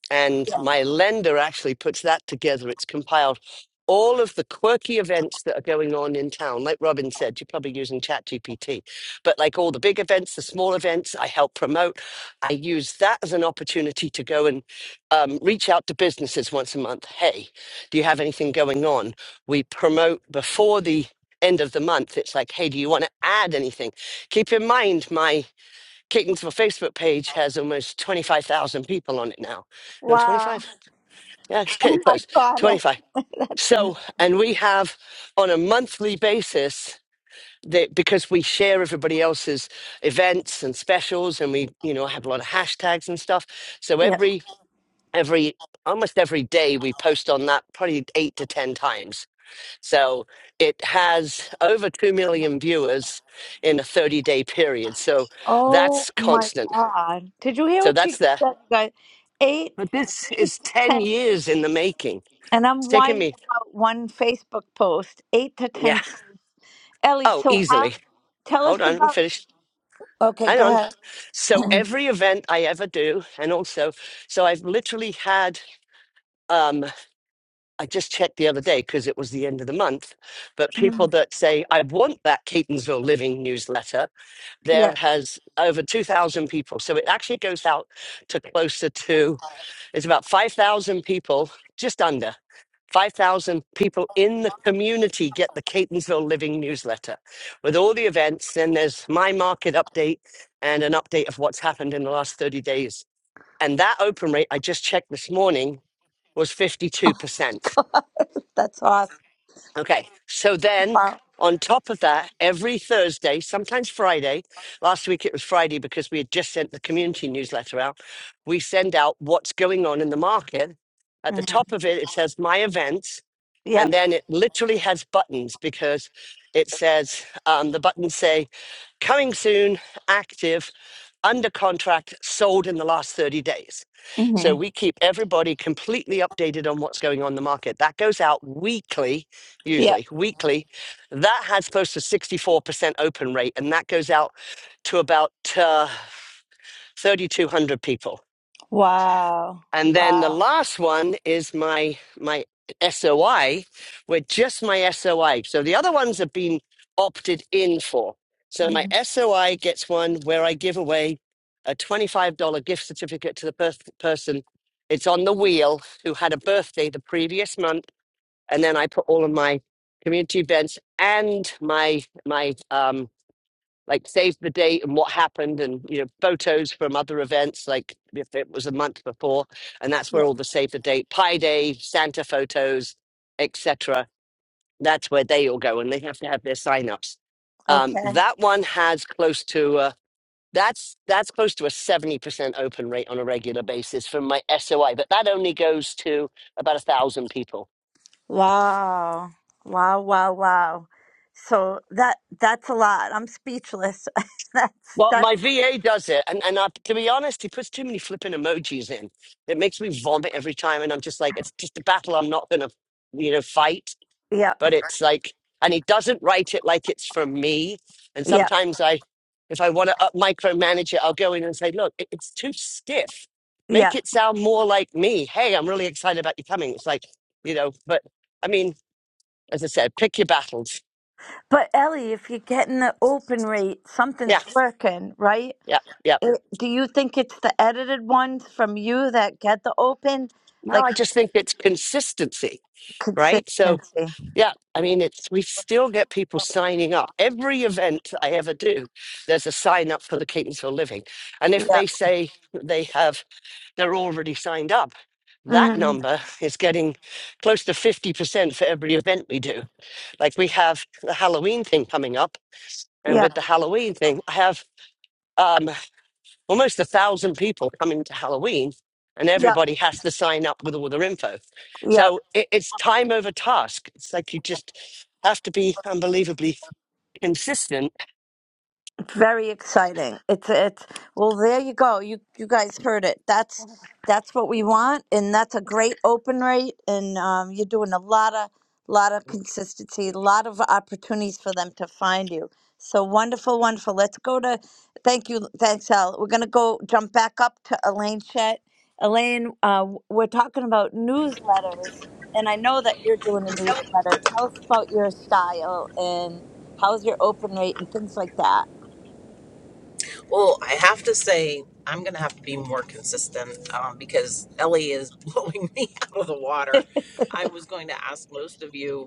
[SPEAKER 6] and
[SPEAKER 2] yep.
[SPEAKER 6] my lender actually puts that together. It's compiled all of the quirky events that are going on in town. Like Robin said, you're probably using ChatGPT, but like all the big events, the small events, I help promote. I use that as an opportunity to go and um, reach out to businesses once a month. Hey, do you have anything going on? We promote before the end of the month. It's like, hey, do you want to add anything? Keep in mind, my Caton'sville Facebook page has almost 25,000 people on it now. No,
[SPEAKER 2] Wow,
[SPEAKER 6] 25? Yeah, it's Caton
[SPEAKER 2] I
[SPEAKER 6] Post,
[SPEAKER 2] got
[SPEAKER 6] 25.
[SPEAKER 2] it. that's
[SPEAKER 6] So,
[SPEAKER 2] amazing.
[SPEAKER 6] and we have on a monthly basis that because we share everybody else's events and specials and we, you know, have a lot of hashtags and stuff. So
[SPEAKER 2] Yep.
[SPEAKER 6] every, every, almost every day we post on that probably eight to 10 times. So it has over 2 million viewers in a 30 day period. So
[SPEAKER 2] Oh
[SPEAKER 6] that's
[SPEAKER 2] my
[SPEAKER 6] constant.
[SPEAKER 2] God. Did you hear
[SPEAKER 6] So
[SPEAKER 2] what you
[SPEAKER 6] that's
[SPEAKER 2] said,
[SPEAKER 6] there.
[SPEAKER 2] you guys? Eight,
[SPEAKER 6] But this
[SPEAKER 2] eight
[SPEAKER 6] is
[SPEAKER 2] to
[SPEAKER 6] 10
[SPEAKER 2] 10,
[SPEAKER 6] years in the making.
[SPEAKER 2] and
[SPEAKER 6] It's
[SPEAKER 2] I'm
[SPEAKER 6] taken
[SPEAKER 2] whining
[SPEAKER 6] me,
[SPEAKER 2] about one Facebook post, eight to
[SPEAKER 6] yeah,
[SPEAKER 2] 10 posts. Ellie,
[SPEAKER 6] oh,
[SPEAKER 2] so how,
[SPEAKER 6] easily.
[SPEAKER 2] tell us
[SPEAKER 6] Hold on, I'm
[SPEAKER 2] about,
[SPEAKER 6] finished.
[SPEAKER 2] okay,
[SPEAKER 6] Hang
[SPEAKER 2] go
[SPEAKER 6] on.
[SPEAKER 2] ahead.
[SPEAKER 6] So, every event I ever do, and also, so I've literally had, um, I just checked the other day because it was the end of the month, but people
[SPEAKER 2] Mhm.
[SPEAKER 6] that say, I want that Catonsville Living newsletter,
[SPEAKER 2] Yeah,
[SPEAKER 6] there has over 2,000 people. So, it actually goes out to closer to There's about 5,000 people, just under 5,000 people in the community get the Catonsville Living newsletter with all the events. Then there's my market update and an update of what's happened in the last 30 days. And that open rate I just checked this morning was 52%.
[SPEAKER 2] that's awesome.
[SPEAKER 6] Okay. So then
[SPEAKER 2] Wow.
[SPEAKER 6] on top of that, every Thursday, sometimes Friday, last week it was Friday because we had just sent the community newsletter out, we send out what's going on in the market. At the
[SPEAKER 2] hmm
[SPEAKER 6] top of it, it says my events. And
[SPEAKER 2] Yep.
[SPEAKER 6] then it literally has buttons because it says um, the buttons say coming soon, active, under contract, sold in the last 30 days.
[SPEAKER 2] hmm
[SPEAKER 6] So we keep everybody completely updated on what's going on in the market. That goes out weekly,
[SPEAKER 2] Yep.
[SPEAKER 6] usually weekly. That has close to 64% open rate, and that goes out to about uh, 3,200 people.
[SPEAKER 2] Wow.
[SPEAKER 6] And then the
[SPEAKER 2] Wow.
[SPEAKER 6] last one is my my SOI with just my SOI. So the other ones have been opted in for. So my
[SPEAKER 2] hmm
[SPEAKER 6] SOI gets one where I give away a $25 gift certificate to the per- person. It's on the wheel who had a birthday the previous month, and then I put all of my community events and my my um, like save the date and what happened and you know photos from other events like if it was a month before and that's where
[SPEAKER 2] Yep.
[SPEAKER 6] all the save the date pie day santa photos etc that's where they all go and they have to have their signups. um,
[SPEAKER 2] Okay.
[SPEAKER 6] that one has close to uh, that's that's close to a 70% open rate on a regular basis from my soi but that only goes to about a thousand people
[SPEAKER 2] Wow. Wow, wow, wow. So that that's a lot. I'm speechless. that's
[SPEAKER 6] Well, my
[SPEAKER 2] that's
[SPEAKER 6] VA does it, and and I, to be honest, he puts too many flipping emojis in. It makes me vomit every time, and I'm just like, it's just a battle I'm not going to, you know, fight.
[SPEAKER 2] yeah,
[SPEAKER 6] But it's like, and he doesn't write it like it's for me. And
[SPEAKER 2] yeah,
[SPEAKER 6] sometimes I, if I want to up micromanage it, I'll go in and say, look, it, it's too stiff.
[SPEAKER 2] yeah.
[SPEAKER 6] Make it sound more like me. Hey, I'm really excited about you coming. It's like, you know, but I mean, as I said, pick your battles.
[SPEAKER 2] But Ellie, if you're getting the open rate,
[SPEAKER 6] Yeah,
[SPEAKER 2] something's working, right?
[SPEAKER 6] yeah, yeah.
[SPEAKER 2] It, do you think it's the edited ones from you that get the open
[SPEAKER 6] Now
[SPEAKER 2] like
[SPEAKER 6] I just think it's consistency, right? So.
[SPEAKER 2] consistency?
[SPEAKER 6] Yeah, I mean, it's we still get people signing up. Every event I ever do, there's a sign up for the Catonsville Living, and if
[SPEAKER 2] Yeah.
[SPEAKER 6] they say they have, they're already signed up. That
[SPEAKER 2] hmm
[SPEAKER 6] number is getting close to fifty percent for every event we do. Like we have the Halloween thing coming up, and
[SPEAKER 2] Yeah.
[SPEAKER 6] with the Halloween thing, I have. um, almost a thousand people coming to Halloween, and
[SPEAKER 2] Yeah.
[SPEAKER 6] everybody has to sign up with all their info.
[SPEAKER 2] Yeah.
[SPEAKER 6] So it, it's time over task. It's like you just have to be unbelievably consistent.
[SPEAKER 2] very exciting. It's it's well there you go. You you guys heard it. That's that's what we want and that's a great open rate and um, you're doing a lot of lot of consistency, a lot of opportunities for them to find you. So wonderful, wonderful. Let's go to thank you, thanks Al. We're gonna go jump back up to Elaine Chet. Elaine, uh, w- we're talking about newsletters and I know that you're doing a newsletter. Tell us about your style and how's your open rate and things like that.
[SPEAKER 8] Well, I have to say, I'm going to have to be more consistent um, because Ellie is blowing me out of the water. I was going to ask most of you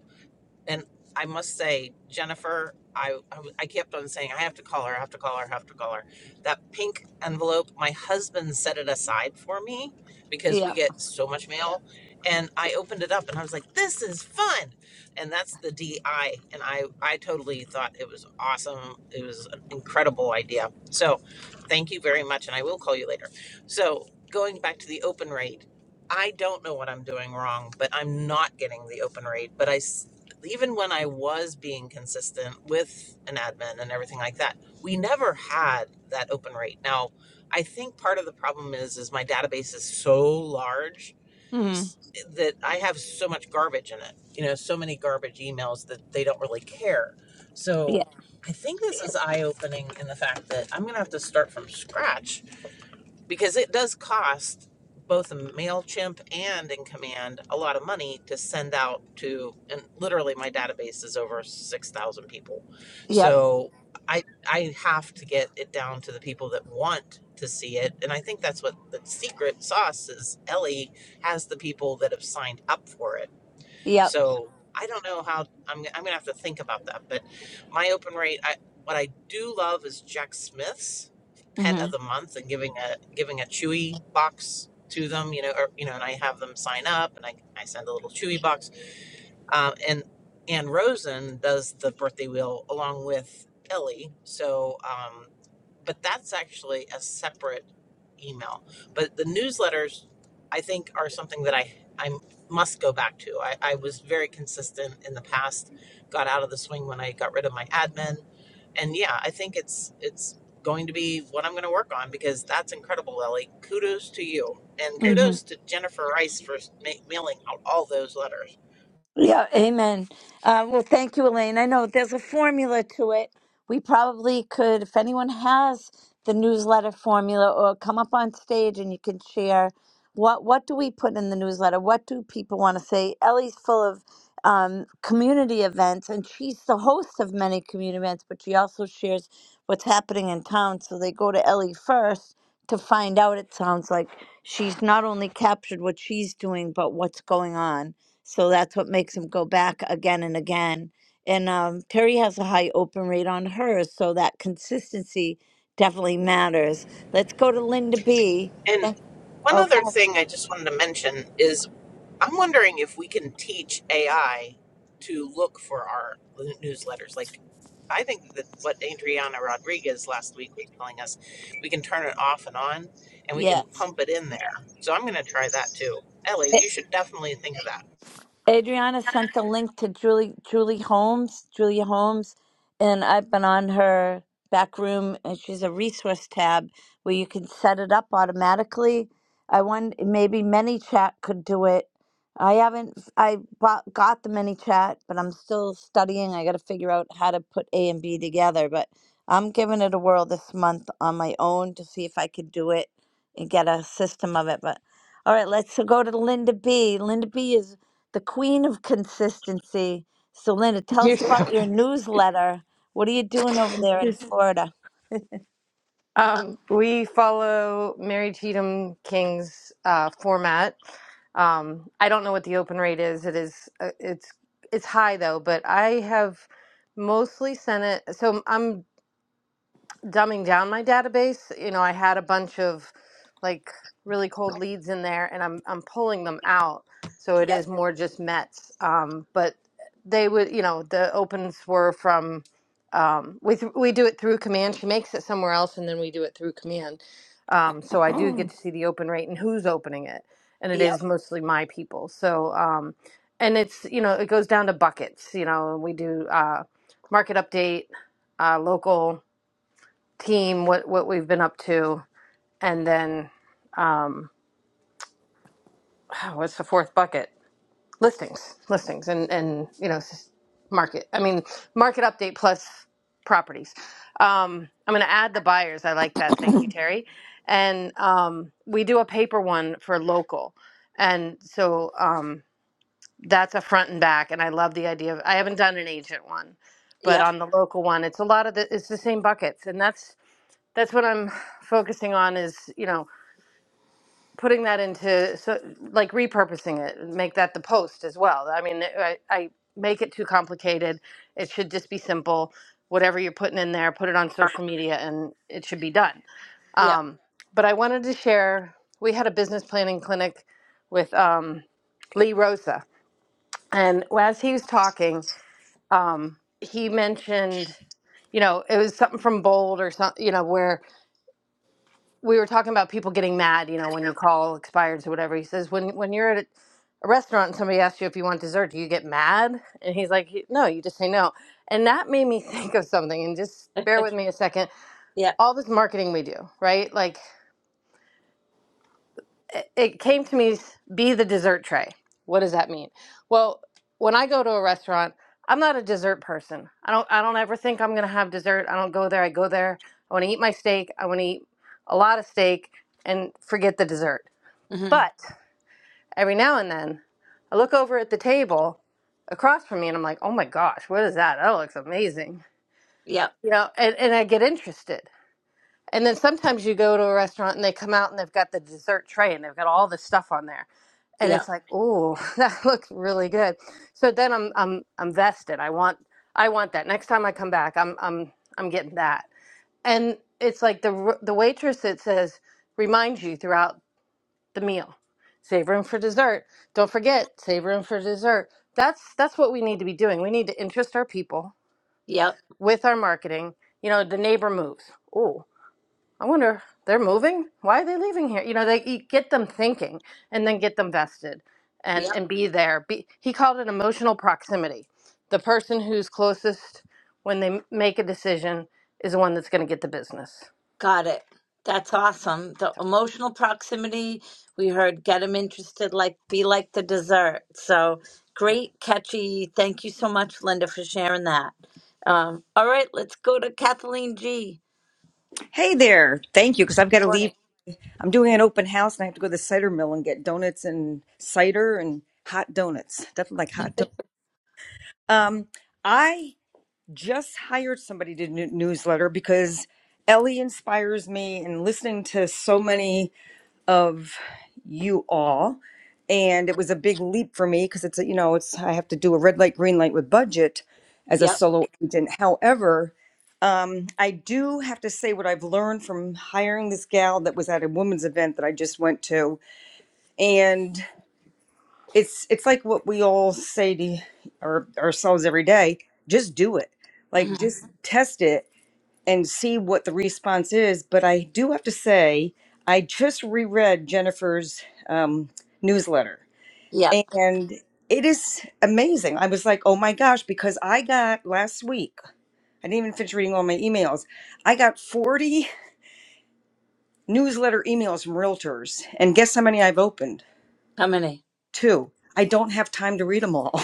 [SPEAKER 8] and I must say, Jennifer, I, I w- I kept on saying, I have to call her, I have to call her, I have to call her. That pink envelope, my husband set it aside for me because we
[SPEAKER 2] Yep.
[SPEAKER 8] get so much mail. And I opened it up and I was like, this is fun. And that's the DI. And I, I totally thought it was awesome. It was an incredible idea. So thank you very much. And I will call you later. So going back to the open rate, I don't know what I'm doing wrong, but I'm not getting the open rate. But I even when I was being consistent with an admin and everything like that, we never had that open rate. Now, I think part of the problem is is my database is so large
[SPEAKER 2] Mm-hmm.
[SPEAKER 8] that I have so much garbage in it. You know, so many garbage emails that they don't really care. So,
[SPEAKER 2] Yeah.
[SPEAKER 8] I think this is eye opening in the fact that I'm going to have to start from scratch because it does cost both MailChimp and in command a lot of money to send out to and literally my database is over 6,000 people.
[SPEAKER 2] Yep.
[SPEAKER 8] So I I have to get it down to the people that want to see it and I think that's what the secret sauce is Ellie has the people that have signed up for it
[SPEAKER 2] Yep.
[SPEAKER 8] so I don't know how I'm, I'm gonna have to think about that. But my open rate, I, what I do love is Jack Smith's pet
[SPEAKER 2] Mm-hmm.
[SPEAKER 8] of the month and giving a giving a Chewy box to them. You know, or you know, and I have them sign up and I I send a little Chewy box um, and Ann Rosen does the birthday wheel along with Ellie. So, um, but that's actually a separate email. But the newsletters, I think, are something that I I must go back to. I, I was very consistent in the past. Got out of the swing when I got rid of my admin, and yeah, I think it's it's going to be what I'm going to work on because that's incredible, Ellie. Kudos to you, and
[SPEAKER 2] Mm-hmm.
[SPEAKER 8] kudos to Jennifer Rice for ma- mailing out all those letters.
[SPEAKER 2] Yeah, amen. Uh, well, thank you, Elaine. I know there's a formula to it. We probably could, if anyone has the newsletter formula, or come up on stage and you can share what what do we put in the newsletter? What do people want to say? Ellie's full of um, community events, and she's the host of many community events, but she also shares what's happening in town. So they go to Ellie first to find out. It sounds like she's not only captured what she's doing, but what's going on. So that's what makes him go back again and again. And um, Perry has a high open rate on hers, so that consistency definitely matters. Let's go to Linda B.
[SPEAKER 8] And
[SPEAKER 2] Then,
[SPEAKER 8] one
[SPEAKER 2] oh, go
[SPEAKER 8] other
[SPEAKER 2] ahead.
[SPEAKER 8] thing I just wanted to mention is I'm wondering if we can teach AI to look for our newsletters. Like, I think that what Adriana Rodriguez last week was telling us, we can turn it off and on and we can
[SPEAKER 2] yes.
[SPEAKER 8] pump it in there. So I'm going to try that too. Ellie, you should definitely think of that.
[SPEAKER 2] Adriana sent the link to Julie Julie Holmes, Julia Holmes, and I've been on her back room and she's a resource tab where you can set it up automatically. I wonder maybe ManyChat could do it. I haven't I bought, got the ManyChat, but I'm still studying. I got to figure out how to put A and B together, but I'm giving it a whirl this month on my own to see if I could do it and get a system of it. But all right, let's go to Linda B. Linda B is the queen of consistency. So, Linda, tell
[SPEAKER 9] You
[SPEAKER 2] us about your newsletter. What are you doing over there in
[SPEAKER 9] Yes.
[SPEAKER 2] Florida?
[SPEAKER 9] Um, we follow Mary Cheatham King's uh, format. Um, I don't know what the open rate is. It is uh, it's it's high though, but I have mostly sent it. So I'm dumbing down my database. You know, I had a bunch of like really cold leads in there, and I'm I'm pulling them out. So it
[SPEAKER 2] Yep,
[SPEAKER 9] is more just Mets. Um, but they would, you know, the opens were from um, we th- we do it through command. She makes it somewhere else, and then we do it through command. Um, so I do get to see the open rate and who's opening it, and it
[SPEAKER 2] yep,
[SPEAKER 9] is mostly my people. So um, and it's you know it goes down to buckets. You know, we do uh, market update, uh, local team, what what we've been up to, and then oh, what's the fourth bucket? Listings, listings, and and you know s- market. I mean market update plus properties. Um, I'm going to add the buyers. I like that. Thank you, Terry. And um, we do a paper one for local, and so um, that's a front and back. And I love the idea of. I haven't done an agent one, but
[SPEAKER 2] yep,
[SPEAKER 9] on the local one, it's a lot of the. It's the same buckets, and that's that's what I'm focusing on. Is you know putting that into so like repurposing it make that the post as well i mean I, I make it too complicated it should just be simple whatever you're putting in there put it on social media and it should be done
[SPEAKER 2] yep,
[SPEAKER 9] um, but i wanted to share we had a business planning clinic with um, lee rosa and as he was talking um, he mentioned you know it was something from bold or something you know where we were talking about people getting mad, you know, when you call expireds or whatever. He says, when when you're at a restaurant and somebody asks you if you want dessert, do you get mad? And he's like, no, you just say no. And that made me think of something. And just bear with me a second.
[SPEAKER 2] yep,
[SPEAKER 9] All this marketing we do, right? Like, it, it came to me, be the dessert tray. What does that mean? Well, when I go to a restaurant, I'm not a dessert person. I don't. I don't ever think I'm gonna have dessert. I don't go there. I go there. I want to eat my steak. I want to eat a lot of steak and forget the dessert
[SPEAKER 2] mm-hmm,
[SPEAKER 9] but every now and then, I look over at the table across from me and I'm like, oh my gosh, what is that? That looks amazing.
[SPEAKER 2] yep,
[SPEAKER 9] You know, and, and I get interested. And then sometimes you go to a restaurant and they come out and they've got the dessert tray and they've got all this stuff on there. And
[SPEAKER 2] yep,
[SPEAKER 9] it's like, oh, that looks really good. So then I'm I'm I'm vested. I want I want that. Next time I come back, I'm I'm I'm getting that. And it's like the r- the waitress that says reminds you throughout the meal. Save room for dessert. Don't forget, save room for dessert. That's that's what we need to be doing. We need to interest our people
[SPEAKER 2] yep,
[SPEAKER 9] with our marketing. You know, the neighbor moves. Oh, I wonder they're moving. Why are they leaving here? You know, they you get them thinking and then get them vested and
[SPEAKER 2] yep.
[SPEAKER 9] and be there. Be, he called it emotional proximity. The person who's closest when they m- make a decision is the one that's going to get the business.
[SPEAKER 2] Got it. That's awesome. The
[SPEAKER 9] So.
[SPEAKER 2] emotional proximity, we heard get them interested, like be like the dessert. So
[SPEAKER 9] yeah.
[SPEAKER 2] great, catchy. Thank you so much, Linda, for sharing that. Um, all right, let's go to Kathleen G.
[SPEAKER 4] Hey there, thank you, because I've got to leave. I'm doing an open house, and I have to go to the cider mill and get donuts and cider and hot donuts. Definitely like hot donuts. Um, I just hired somebody to do newsletter because Ellie inspires me, and listening to so many of you all, and it was a big leap for me because it's a- you know it's I have to do a red light green light with budget as a
[SPEAKER 2] Yep,
[SPEAKER 4] solo agent. However I do have to say what I've learned from hiring this gal that was at a women's event that I just went to, and it's it's like what we all say to our, ourselves every day: just do it, like
[SPEAKER 2] mm-hmm,
[SPEAKER 4] just test it and see what the response is. But I do have to say, I just reread Jennifer's um, newsletter,
[SPEAKER 2] yep.
[SPEAKER 4] and it is amazing. I was like, oh my gosh, because I got last week. I didn't even finish reading all my emails. I got 40 newsletter emails from realtors. And guess how many I've opened?
[SPEAKER 2] How many?
[SPEAKER 4] Two. I don't have time to read them all.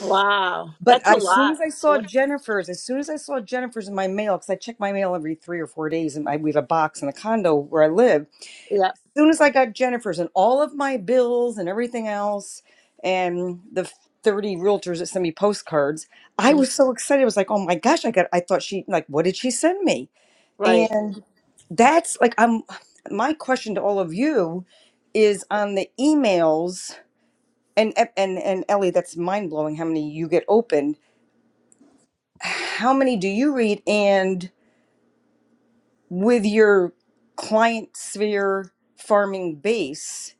[SPEAKER 2] Wow,
[SPEAKER 4] But
[SPEAKER 2] that's a
[SPEAKER 4] as soon
[SPEAKER 2] lot.
[SPEAKER 4] as I saw
[SPEAKER 2] What?
[SPEAKER 4] Jennifer's, as soon as I saw Jennifer's in my mail, because I check my mail every three or four days, and I, we have a box in the condo where I live. As
[SPEAKER 2] Yeah,
[SPEAKER 4] soon as I got Jennifer's and all of my bills and everything else, and the 30 realtors that sent me postcards, I
[SPEAKER 2] mm,
[SPEAKER 4] was so excited. I was like, oh my gosh, I got, I thought she, like, what did she send me?
[SPEAKER 2] right.
[SPEAKER 4] And that's like I'm my question to all of you is on the emails and and and Ellie that's mind blowing how many you get opened how many do you read and with your client sphere farming base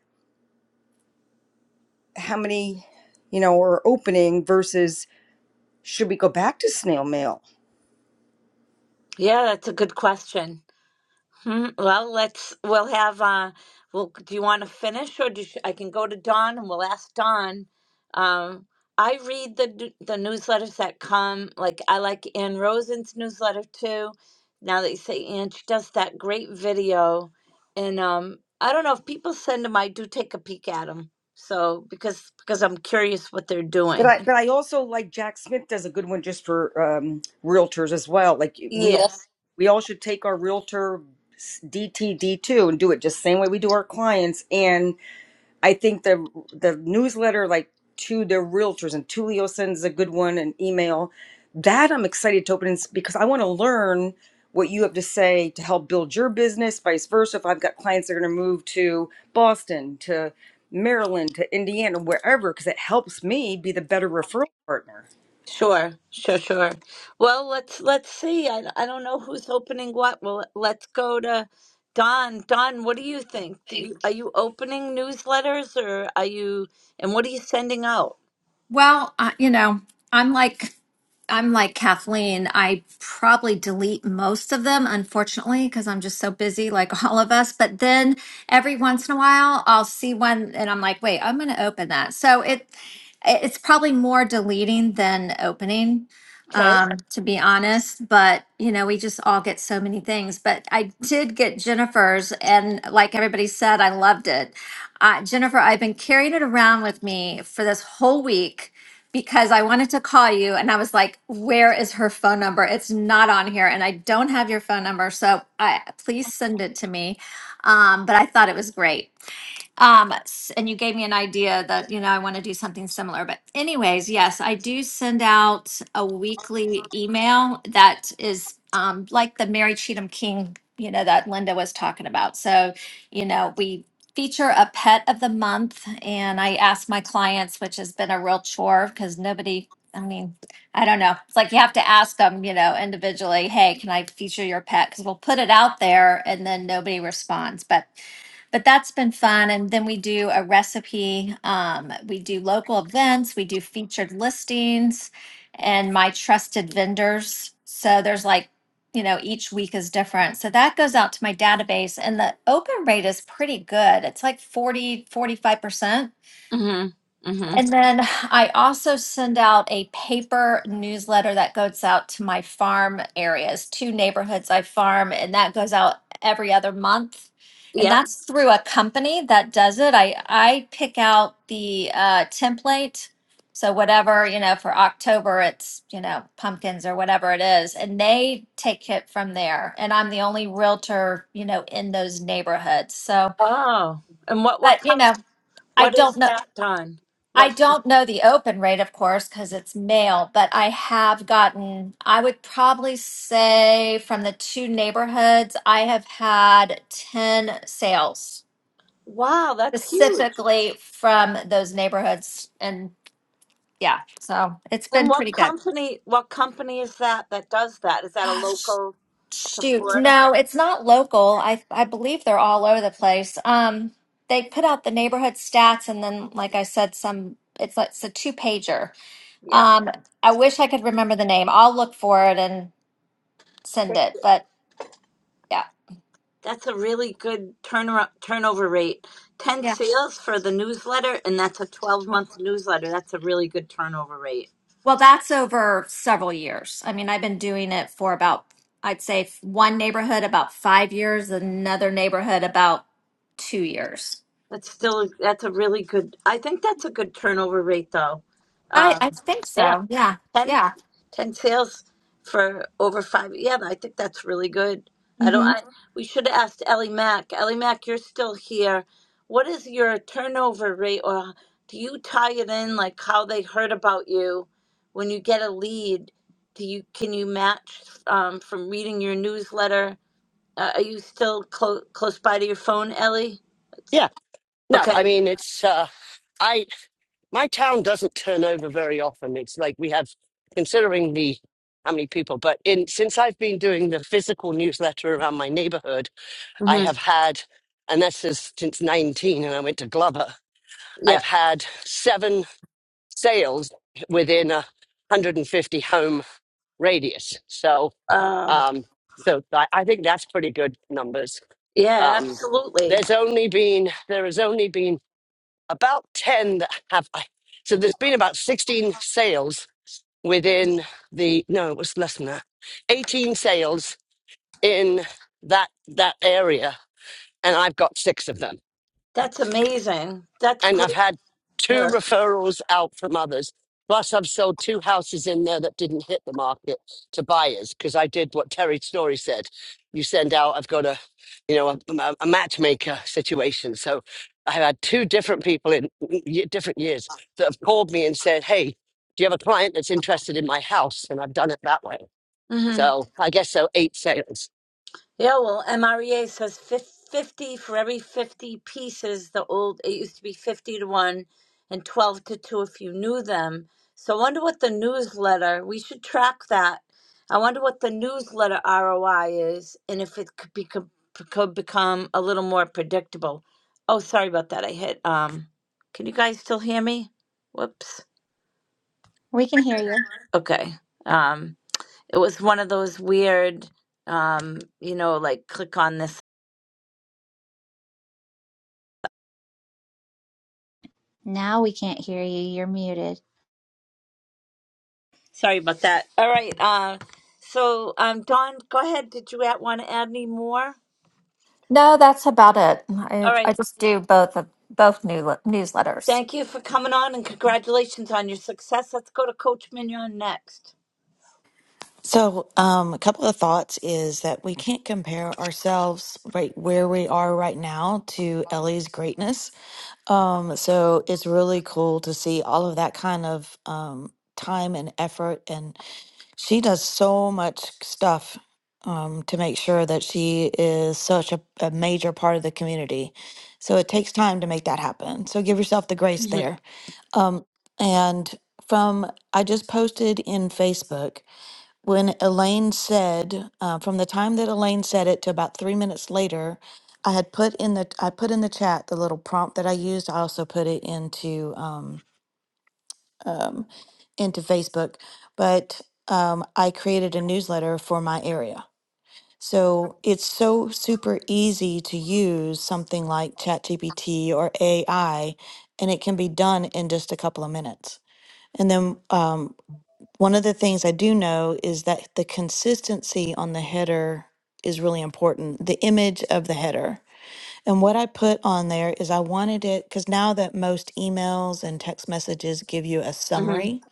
[SPEAKER 4] how many you know are opening versus should we go back to snail mail
[SPEAKER 2] Yeah, that's a good question. Hmm. Well, let's. We'll have. Uh. Well, do you want to finish, or do you, I can go to Don and we'll ask Don. Um. I read the d- the newsletters that come. Like I like Ann Rosen's newsletter too. Now that you say Ann, she does that great video, and um. I don't know if people send them. I do take a peek at them. So because because I'm curious what they're
[SPEAKER 4] But
[SPEAKER 2] doing.
[SPEAKER 4] I but I also like Jack Smith does a good one just for um, realtors as well. Like we
[SPEAKER 2] Yes.
[SPEAKER 4] all we all should take our realtor DTD two and do it just same way we do our clients and. I think the the newsletter, like to the realtors, and Tulio sends a good one, an email. That I'm excited to open because I want to learn what you have to say to help build your business, vice versa. If I've got clients that are going to move to Boston, to Maryland, to Indiana, wherever, because it helps me be the better referral partner.
[SPEAKER 2] Sure, sure, sure. Well, let's let's see. I I don't know who's opening what. Well, let's go to Don. Don, what do you think? Do you are you opening newsletters or are you and what are you sending out?
[SPEAKER 10] Well, uh, you know, I'm like I'm like Kathleen. I probably delete most of them, unfortunately, because I'm just so busy, like all of us. But then every once in a while, I'll see one, and I'm like, wait, I'm going to open that. So it it's probably more deleting than opening,
[SPEAKER 2] Okay.
[SPEAKER 10] um, to be honest. But you know, we just all get so many things. But I did get Jennifer's, and like everybody said, I loved it. Uh, Jennifer, I've been carrying it around with me for this whole week because I wanted to call you and I was like, where is her phone number? It's not on here and I don't have your phone number. So I, please send it to me. Um, but I thought it was great. Um, s- and you gave me an idea that, you know, I want to do something similar. But anyways, yes, I do send out a weekly email that is um, like the Mary Cheatham King, you know, that Linda was talking about. So, you know, we feature a pet of the month and I ask my clients, which has been a real chore because nobody, I mean, I don't know. It's like you have to ask them, you know, individually, hey, can I feature your pet? Because we'll put it out there and then nobody responds. But but that's been fun. And then we do a recipe, um, we do local events, we do featured listings and my trusted vendors. So there's like, you know, each week is different. So that goes out to my database and the open rate is pretty good. It's like forty, forty-five percent
[SPEAKER 2] Mhm. Mhm.
[SPEAKER 10] and then I also send out a paper newsletter that goes out to my farm areas, two neighborhoods I farm, and that goes out every other month. And
[SPEAKER 2] Yep.
[SPEAKER 10] that's through a company that does it. I, I pick out the uh, template. So whatever, you know, for October, it's, you know, pumpkins or whatever it is, and they take it from there. And I'm the only realtor, you know, in those neighborhoods. So,
[SPEAKER 2] Oh. And what what
[SPEAKER 10] but you
[SPEAKER 2] comes
[SPEAKER 10] know, I
[SPEAKER 2] what
[SPEAKER 10] don't
[SPEAKER 2] is
[SPEAKER 10] know.
[SPEAKER 2] that, Don?
[SPEAKER 10] I
[SPEAKER 2] What
[SPEAKER 10] don't know the open rate, of course, because it's male, but I have gotten, I would probably say from the two neighborhoods, I have had 10 sales
[SPEAKER 2] Wow, that's huge.
[SPEAKER 10] specifically from those neighborhoods. And yeah, so it's
[SPEAKER 2] And
[SPEAKER 10] been
[SPEAKER 2] what
[SPEAKER 10] pretty good.
[SPEAKER 2] company what company is that that does that? Is that a
[SPEAKER 10] Ah, sh-
[SPEAKER 2] local to
[SPEAKER 10] Shoot.
[SPEAKER 2] Florida?
[SPEAKER 10] No, it's not local. I I believe they're all over the place. Um, they put out the neighborhood stats and then, like I said, some it's like it's a two pager.
[SPEAKER 2] Yep.
[SPEAKER 10] Um, I wish I could remember the name. I'll look for it and send it. But yeah.
[SPEAKER 2] That's a really good turnaround turnover rate. 10
[SPEAKER 10] Yeah.
[SPEAKER 2] sales for the newsletter, and that's a 12 month newsletter. That's a really good turnover rate.
[SPEAKER 10] Well, that's over several years. I mean, I've been doing it for about, I'd say f- one neighborhood about five years, another neighborhood about two years.
[SPEAKER 2] That's still that's a really good. I think that's a good turnover rate though.
[SPEAKER 10] I,
[SPEAKER 2] Um,
[SPEAKER 10] I think
[SPEAKER 2] yeah.
[SPEAKER 10] so. Yeah.
[SPEAKER 2] Ten,
[SPEAKER 10] Yeah.
[SPEAKER 2] 10 sales for over five. Yeah, I think that's really good. I don't.
[SPEAKER 10] hmm
[SPEAKER 2] I, we should have asked Ellie Mack. Ellie Mack, you're still here. What is your turnover rate, or do you tie it in like how they heard about you when you get a lead? Do you can you match um, from reading your newsletter? Uh, are you still clo- close by to your phone, Ellie?
[SPEAKER 6] Yeah. No, I
[SPEAKER 2] Okay.
[SPEAKER 6] mean it's uh, I my town doesn't turn over very often. It's like we have considering the how many people, but in since I've been doing the physical newsletter around my neighborhood, I
[SPEAKER 2] hmm
[SPEAKER 6] have had, and this is since 19, and I went to Glover.
[SPEAKER 2] Yeah.
[SPEAKER 6] I've had seven sales within a 150 home radius. So,
[SPEAKER 2] Uh,
[SPEAKER 6] um, so I, I think that's pretty good numbers.
[SPEAKER 2] yeah.
[SPEAKER 6] Um,
[SPEAKER 2] Absolutely.
[SPEAKER 6] there's only been there has only been about 10 that have. I, so there's been about 16 sales within the no, it was less than that. 18 sales in that that area, and I've got six of them.
[SPEAKER 2] That's amazing. That's
[SPEAKER 6] and I've
[SPEAKER 2] great.
[SPEAKER 6] had two
[SPEAKER 2] Yeah.
[SPEAKER 6] referrals out from others. Plus, I've sold two houses in there that didn't hit the market to buyers because I did what Terry Story said. You send out, I've got a, you know, a, a a matchmaker situation. So I had two different people in y- different years that have called me and said, "Hey, do you have a client that's interested in my house?" And I've done it that way.
[SPEAKER 2] hmm
[SPEAKER 6] So I guess so. Eight sales.
[SPEAKER 2] Yeah, well, MREA says fif- 50 for every 50 pieces. The old, it used to be 50 to 1 and 12 to 2 if you knew them. So I wonder what the newsletter, we should track that. I wonder what the newsletter ROI is and if it could, be, could, could become a little more predictable. Oh, sorry about that. I hit, um, can you guys still hear me? Whoops.
[SPEAKER 3] We can hear you.
[SPEAKER 2] Okay. Um, it was one of those weird, um, you know, like click on this
[SPEAKER 3] Now we can't hear you. You're muted.
[SPEAKER 2] Sorry about that. All right. Uh, so, um, Don, go ahead. Did you want to add any more?
[SPEAKER 10] No, that's about it. I,
[SPEAKER 2] All
[SPEAKER 10] I
[SPEAKER 2] right.
[SPEAKER 10] just do both of both new newsletters.
[SPEAKER 2] Thank you for coming on and congratulations on your success. Let's go to Coach Mignon next.
[SPEAKER 11] So, um, a couple of thoughts is that we can't compare ourselves right where we are right now to Ellie's greatness. Um, so it's really cool to see all of that kind of um, time and effort, and she does so much stuff um, to make sure that she is such a, a major part of the community. So it takes time to make that happen. So give yourself the grace
[SPEAKER 2] hmm
[SPEAKER 11] there. Um, and from I just posted in Facebook when Elaine said, uh, from the time that Elaine said it to about three minutes later, I had put in the I put in the chat the little prompt that I used. I also put it into um, um, into Facebook, but um, I created a newsletter for my area. So it's so super easy to use something like ChatGPT or AI, and it can be done in just a couple of minutes. And then um, one of the things I do know is that the consistency on the header is really important, the image of the header. And what I put on there is I wanted it because now that most emails and text messages give you a
[SPEAKER 2] hmm
[SPEAKER 11] summary,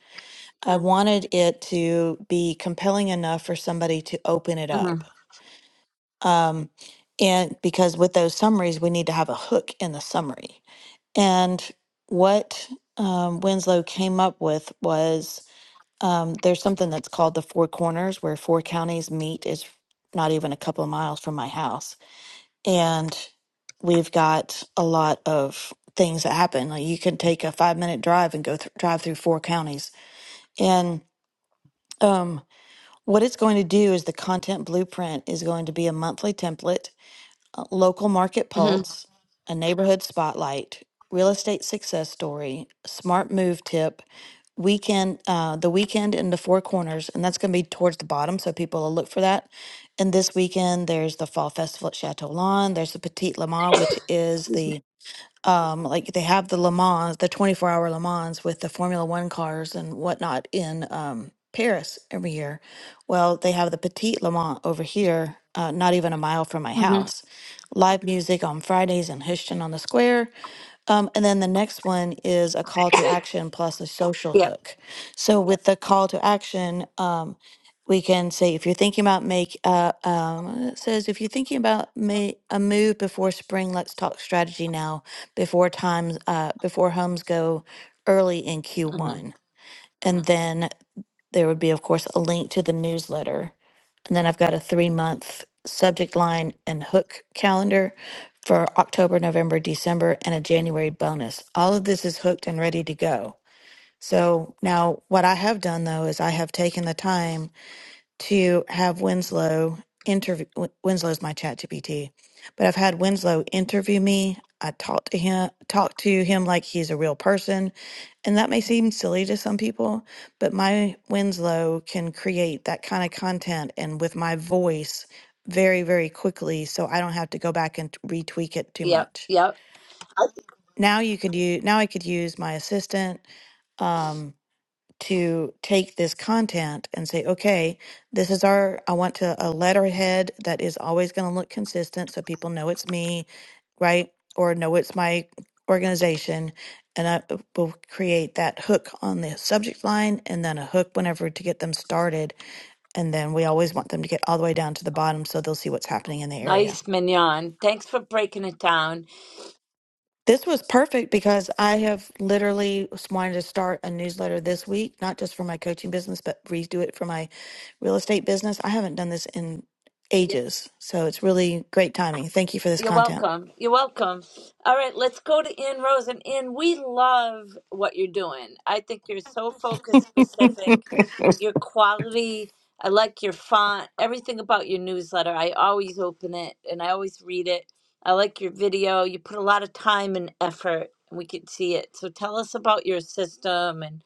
[SPEAKER 11] I wanted it to be compelling enough for somebody to open it
[SPEAKER 2] hmm
[SPEAKER 11] up. Um, and because with those summaries, we need to have a hook in the summary. And what um, Winslow came up with was. Um, there's something that's called the Four Corners where four counties meet. Is not even a couple of miles from my house. And we've got a lot of things that happen. Like you can take a five minute drive and go th- drive through four counties. And um, what it's going to do is the content blueprint is going to be a monthly template uh, Local Market
[SPEAKER 2] hmm
[SPEAKER 11] Pulse, A Neighborhood Spotlight, Real Estate Success Story, Smart Move Tip, Weekend, uh, The Weekend in the Four Corners, and that's going to be towards the bottom, so people will look for that. And this weekend, there's the Fall Festival at Chateau Lawn. There's the Petite Le Mans, which is
[SPEAKER 2] Excuse me.
[SPEAKER 11] the um, like they have the Le Mans, the 24 hour Le Mans with the Formula One cars and whatnot in um, Paris every year. Well, they have the Petite Le Mans over here, uh, not even a mile from my
[SPEAKER 2] hmm
[SPEAKER 11] house. Live music on Fridays in Houston on the Square. Um, and then the next one is a call to action plus a social
[SPEAKER 2] Yep.
[SPEAKER 11] hook. So with the call to action, um, we can say if you're thinking about make uh, um, it says if you're thinking about ma- a move before spring, let's talk strategy now before times uh, before homes go early in
[SPEAKER 2] hmm
[SPEAKER 11] Q1. And then there would be, of course, a link to the newsletter. And then I've got a three month subject line and hook calendar for October, November, December, and a January bonus. All of this is hooked and ready to go. So now, what I have done though is I have taken the time to have Winslow interview. Win- Winslow's my chat GPT, but I've had Winslow interview me. I talk to him, talk to him like he's a real person, and that may seem silly to some people, but my Winslow can create that kind of content and with my voice very, very quickly, so I don't have to go back and t- retweak it too
[SPEAKER 2] Yep.
[SPEAKER 11] much.
[SPEAKER 2] Yep.
[SPEAKER 11] Now you could use. Now I could use my assistant. Um, to take this content and say, okay, this is our, I want to a letterhead that is always going to look consistent so people know it's me, right? Or know it's my organization. And I will create that hook on the subject line and then a hook whenever to get them started. And then we always want them to get all the way down to the bottom so they'll see what's happening in the area.
[SPEAKER 2] Nice, Mignon. Thanks for breaking it down.
[SPEAKER 11] This was perfect because I have literally wanted to start a newsletter this week, not just for my coaching business, but redo it for my real estate business. I haven't done this in ages. So it's really great timing. Thank you for this
[SPEAKER 2] You're
[SPEAKER 11] content.
[SPEAKER 2] welcome. You're welcome. All right, let's go to Ann Rose. And Ann, we love what you're doing. I think you're so focus specific. Your quality, I like your font, everything about your newsletter. I always open it and I always read it. I like your video. You put a lot of time and effort, and we can see it. So tell us about your system and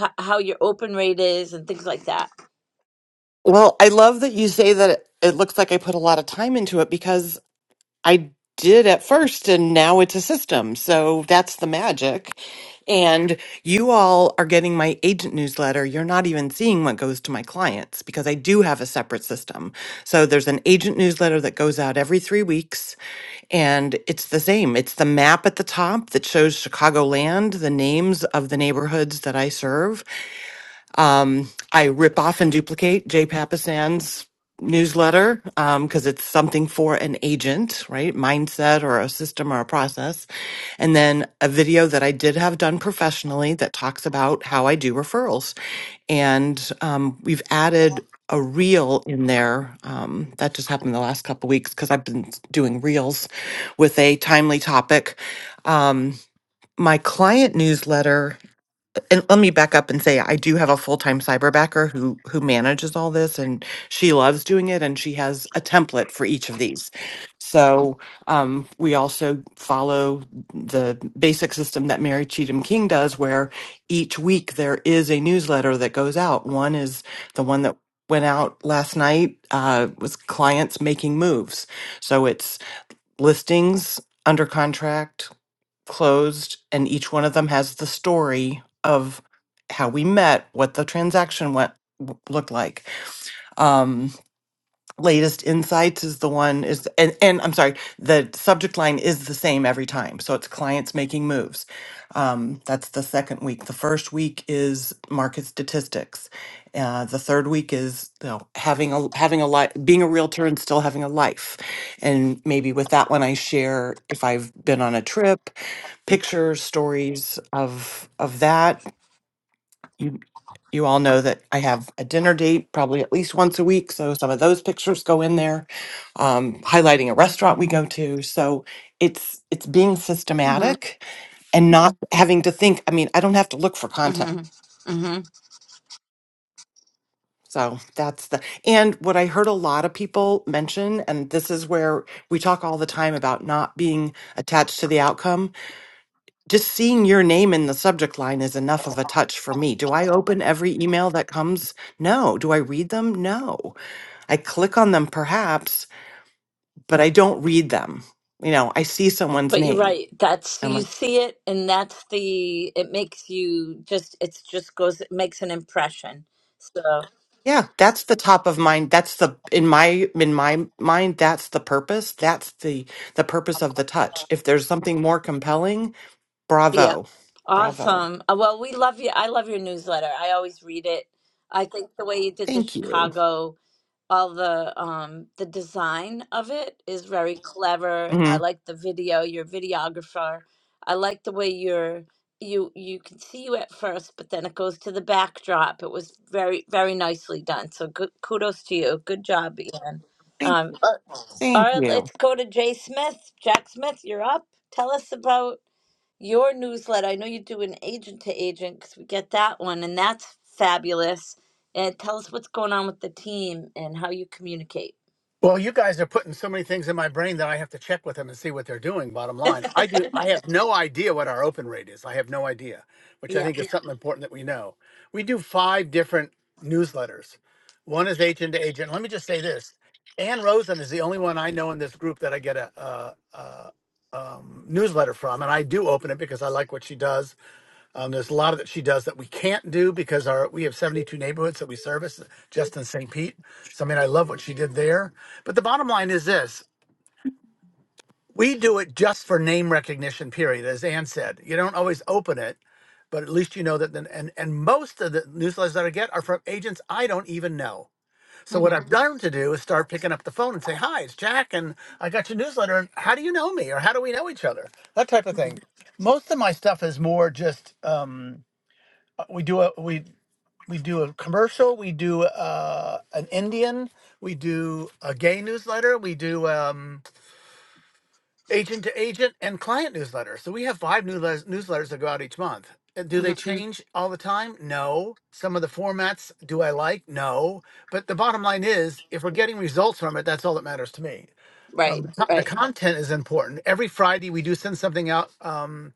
[SPEAKER 2] h- how your open rate is and things like that.
[SPEAKER 12] Well, I love that you say that it, it looks like I put a lot of time into it because I did at first and now it's a system. So that's the magic. And you all are getting my agent newsletter. You're not even seeing what goes to my clients because I do have a separate system. So there's an agent newsletter that goes out every three weeks and it's the same. It's the map at the top that shows Chicagoland, the names of the neighborhoods that I serve. Um, I rip off and duplicate Jay Papasan's newsletter because it's something for an agent, right? Mindset or a system or a process. And then a video that I did have done professionally that talks about how I do referrals. And um, we've added a reel in there. Um, that just happened the last couple weeks because I've been doing reels with a timely topic. Um, my client newsletter and let me back up and say I do have a full-time cyberbacker who who manages all this and she loves doing it and she has a template for each of these. So um, we also follow the basic system that Mary Cheatham King does where each week there is a newsletter that goes out. One is the one that went out last night uh, was clients making moves. So it's listings under contract, closed, and each one of them has the story of how we met, what the transaction went w- looked like. Um, latest insights is the one is and and I'm sorry, the subject line is the same every time. So it's clients making moves. Um, that's the second week. The first week is market statistics. Uh, the third week is you know, having a having a life, being a realtor and still having a life. And maybe with that one, I share if I've been on a trip, pictures, stories of of that you you all know that I have a dinner date probably at least once a week, so some of those pictures go in there, um, highlighting a restaurant we go to. So it's it's being
[SPEAKER 2] Mm-hmm.
[SPEAKER 12] systematic and not having to think. I mean, I don't have to look for content.
[SPEAKER 2] Mm-hmm.
[SPEAKER 12] So that's the and what I heard a lot of people mention, and this is where we talk all the time about not being attached to the outcome just seeing your name in the subject line is enough of a touch for me. Do I open every email that comes? No. Do I read them? No. I click on them perhaps, but I don't read them. You know, I see someone's
[SPEAKER 2] But you're
[SPEAKER 12] name.
[SPEAKER 2] right. That's
[SPEAKER 12] I'm
[SPEAKER 2] you
[SPEAKER 12] like,
[SPEAKER 2] see it, and that's the it makes you just it's just goes it makes an impression. So
[SPEAKER 12] yeah, that's the top of mind. That's the in my in my mind, that's the purpose. That's the the purpose of the touch. If there's something more compelling,
[SPEAKER 2] yeah,
[SPEAKER 12] bravo. Bravo.
[SPEAKER 2] awesome. Uh, Well, we love you. I love your newsletter. I always read it. I think the way you did the
[SPEAKER 12] Thank you.
[SPEAKER 2] Chicago. all the um the design of it is very clever. I
[SPEAKER 12] Mhm.
[SPEAKER 2] like the video, your videographer. I like the way you're you you can see you at first, but then it goes to the backdrop. It was very very nicely done. So good kudos to you. Good job, Ian.
[SPEAKER 12] Thank,
[SPEAKER 2] Um, uh, all
[SPEAKER 12] thank
[SPEAKER 2] right,
[SPEAKER 12] you.
[SPEAKER 2] let's go to Jay Smith. Jack Smith, you're up. Tell us about your newsletter. I know you do an agent to agent because we get that one, and that's fabulous. And tell us what's going on with the team and how you communicate.
[SPEAKER 13] Well, you guys are putting so many things in my brain that I have to check with them and see what they're doing. Bottom line, I do. I have no idea what our open rate is. I have no idea, which I
[SPEAKER 2] Yeah.
[SPEAKER 13] think is something important that we know. We do five different newsletters. One is agent to agent. Let me just say this: Ann Rosen is the only one I know in this group that I get a, a, a um, newsletter from, and I do open it because I like what she does um, there's a lot that she does that we can't do because our we have 72 neighborhoods that we service just in St. Pete. So I mean, I love what she did there. But the bottom line is this: we do it just for name recognition. Period, as Ann said. You don't always open it, but at least you know that. Then, and and most of the newsletters that I get are from agents I don't even know. So
[SPEAKER 2] hmm
[SPEAKER 13] what I've learned to do is start picking up the phone and say, "Hi, it's Jack, and I got your newsletter. And how do you know me, or how do we know each other? That type of thing." Most of my stuff is more just um, uh, we do it we do a commercial we do uh, an indian we do a gay newsletter we do um, agent to agent and client newsletter so we have five newsletters, newsletters that go out each month Uh, do
[SPEAKER 2] hmm
[SPEAKER 13] they change all the time no some of the formats do i like no but the bottom line is if we're getting results from it that's all that matters to me um,
[SPEAKER 2] Right.
[SPEAKER 13] the, co- the
[SPEAKER 2] Right.
[SPEAKER 13] content is important every friday we do send something out um,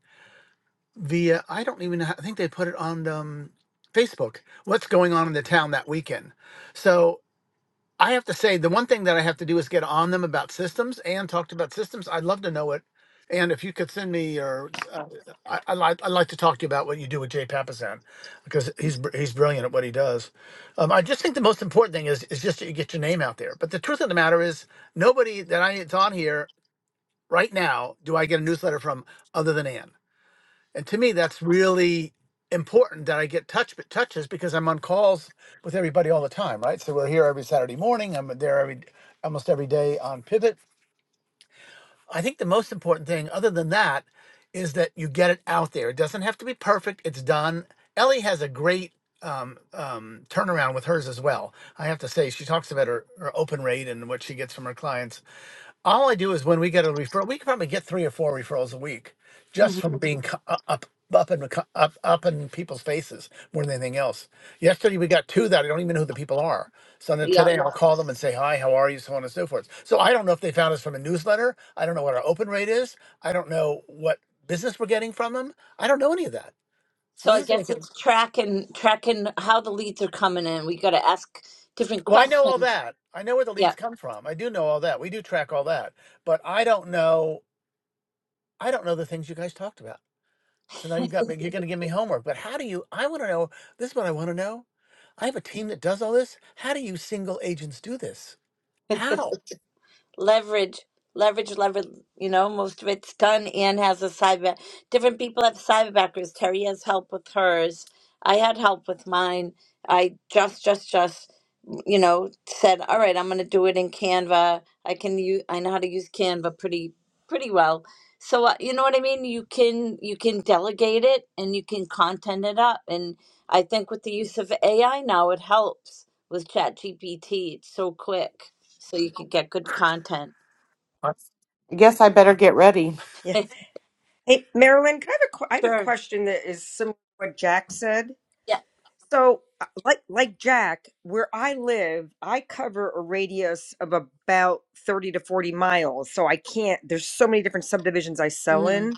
[SPEAKER 13] via I don't even know, how- I think they put it on um, Facebook. What's going on in the town that weekend? So I have to say the one thing that I have to do is get on them about systems. and talked about systems. I'd love to know it. And if you could send me your, uh, I, I like I'd like to talk to you about what you do with Jay Papasan because he's br- he's brilliant at what he does. Um, I just think the most important thing is is just that you get your name out there. But the truth of the matter is nobody that I it's on here right now do I get a newsletter from other than Ann. And to me, that's really important that I get touch touches because I'm on calls with everybody all the time, right? So we're here every Saturday morning. I'm there every almost every day on Pivot. I think the most important thing, other than that, is that you get it out there. It doesn't have to be perfect. It's done. Ellie has a great um, um, turnaround with hers as well. I have to say, she talks about her, her open rate and what she gets from her clients all I do is when we get a referral, we can probably get three or four referrals a week
[SPEAKER 2] hmm
[SPEAKER 13] just from being cu- u- up, up in the cu- up, up in people's faces more than anything else. Yesterday we got two that I don't even know who the people are. So then
[SPEAKER 2] Yeah.
[SPEAKER 13] today I'll call them and say hi, how are you, so on and so forth. So I don't know if they found us from a newsletter. I don't know what our open rate is. I don't know what business we're getting from them. I don't know any of that. So
[SPEAKER 2] So I
[SPEAKER 13] this is
[SPEAKER 2] guess
[SPEAKER 13] making.
[SPEAKER 2] it's tracking tracking how the leads are coming in. We got to ask different
[SPEAKER 13] Well, I know all
[SPEAKER 2] questions.
[SPEAKER 13] that. I know where the
[SPEAKER 2] Yeah.
[SPEAKER 13] leads come from. I do know all that. We do track all that, but I don't know. I don't know the things you guys talked about. So now you've got me, you're going to give me homework. But how do you, I want to know, this is what I want to know. I have a team that does all this. How do you single agents do this? How?
[SPEAKER 2] leverage, leverage, leverage. You know, most of it's done. Anne has a cyber. Different people have side backers. Terry has help with hers. I had help with mine. I just, just, just, you know, said, all right, I'm going to do it in Canva. I can use. I know how to use Canva pretty, pretty well. So uh, you know what I mean. You can you can delegate it and you can content it up. And I think with the use of AI now, it helps with ChatGPT. It's so quick, so you can get good content.
[SPEAKER 12] I guess I better get ready.
[SPEAKER 4] Yeah. Hey, Marilyn, can I have a, que- I have a
[SPEAKER 2] Sure.
[SPEAKER 4] question that is similar to what Jack said.
[SPEAKER 2] Yeah.
[SPEAKER 4] So, uh, like like Jack, where I live, I cover a radius of about 30 to 40 miles. So I can't, there's so many different subdivisions I sell
[SPEAKER 2] Mm-hmm.
[SPEAKER 4] in,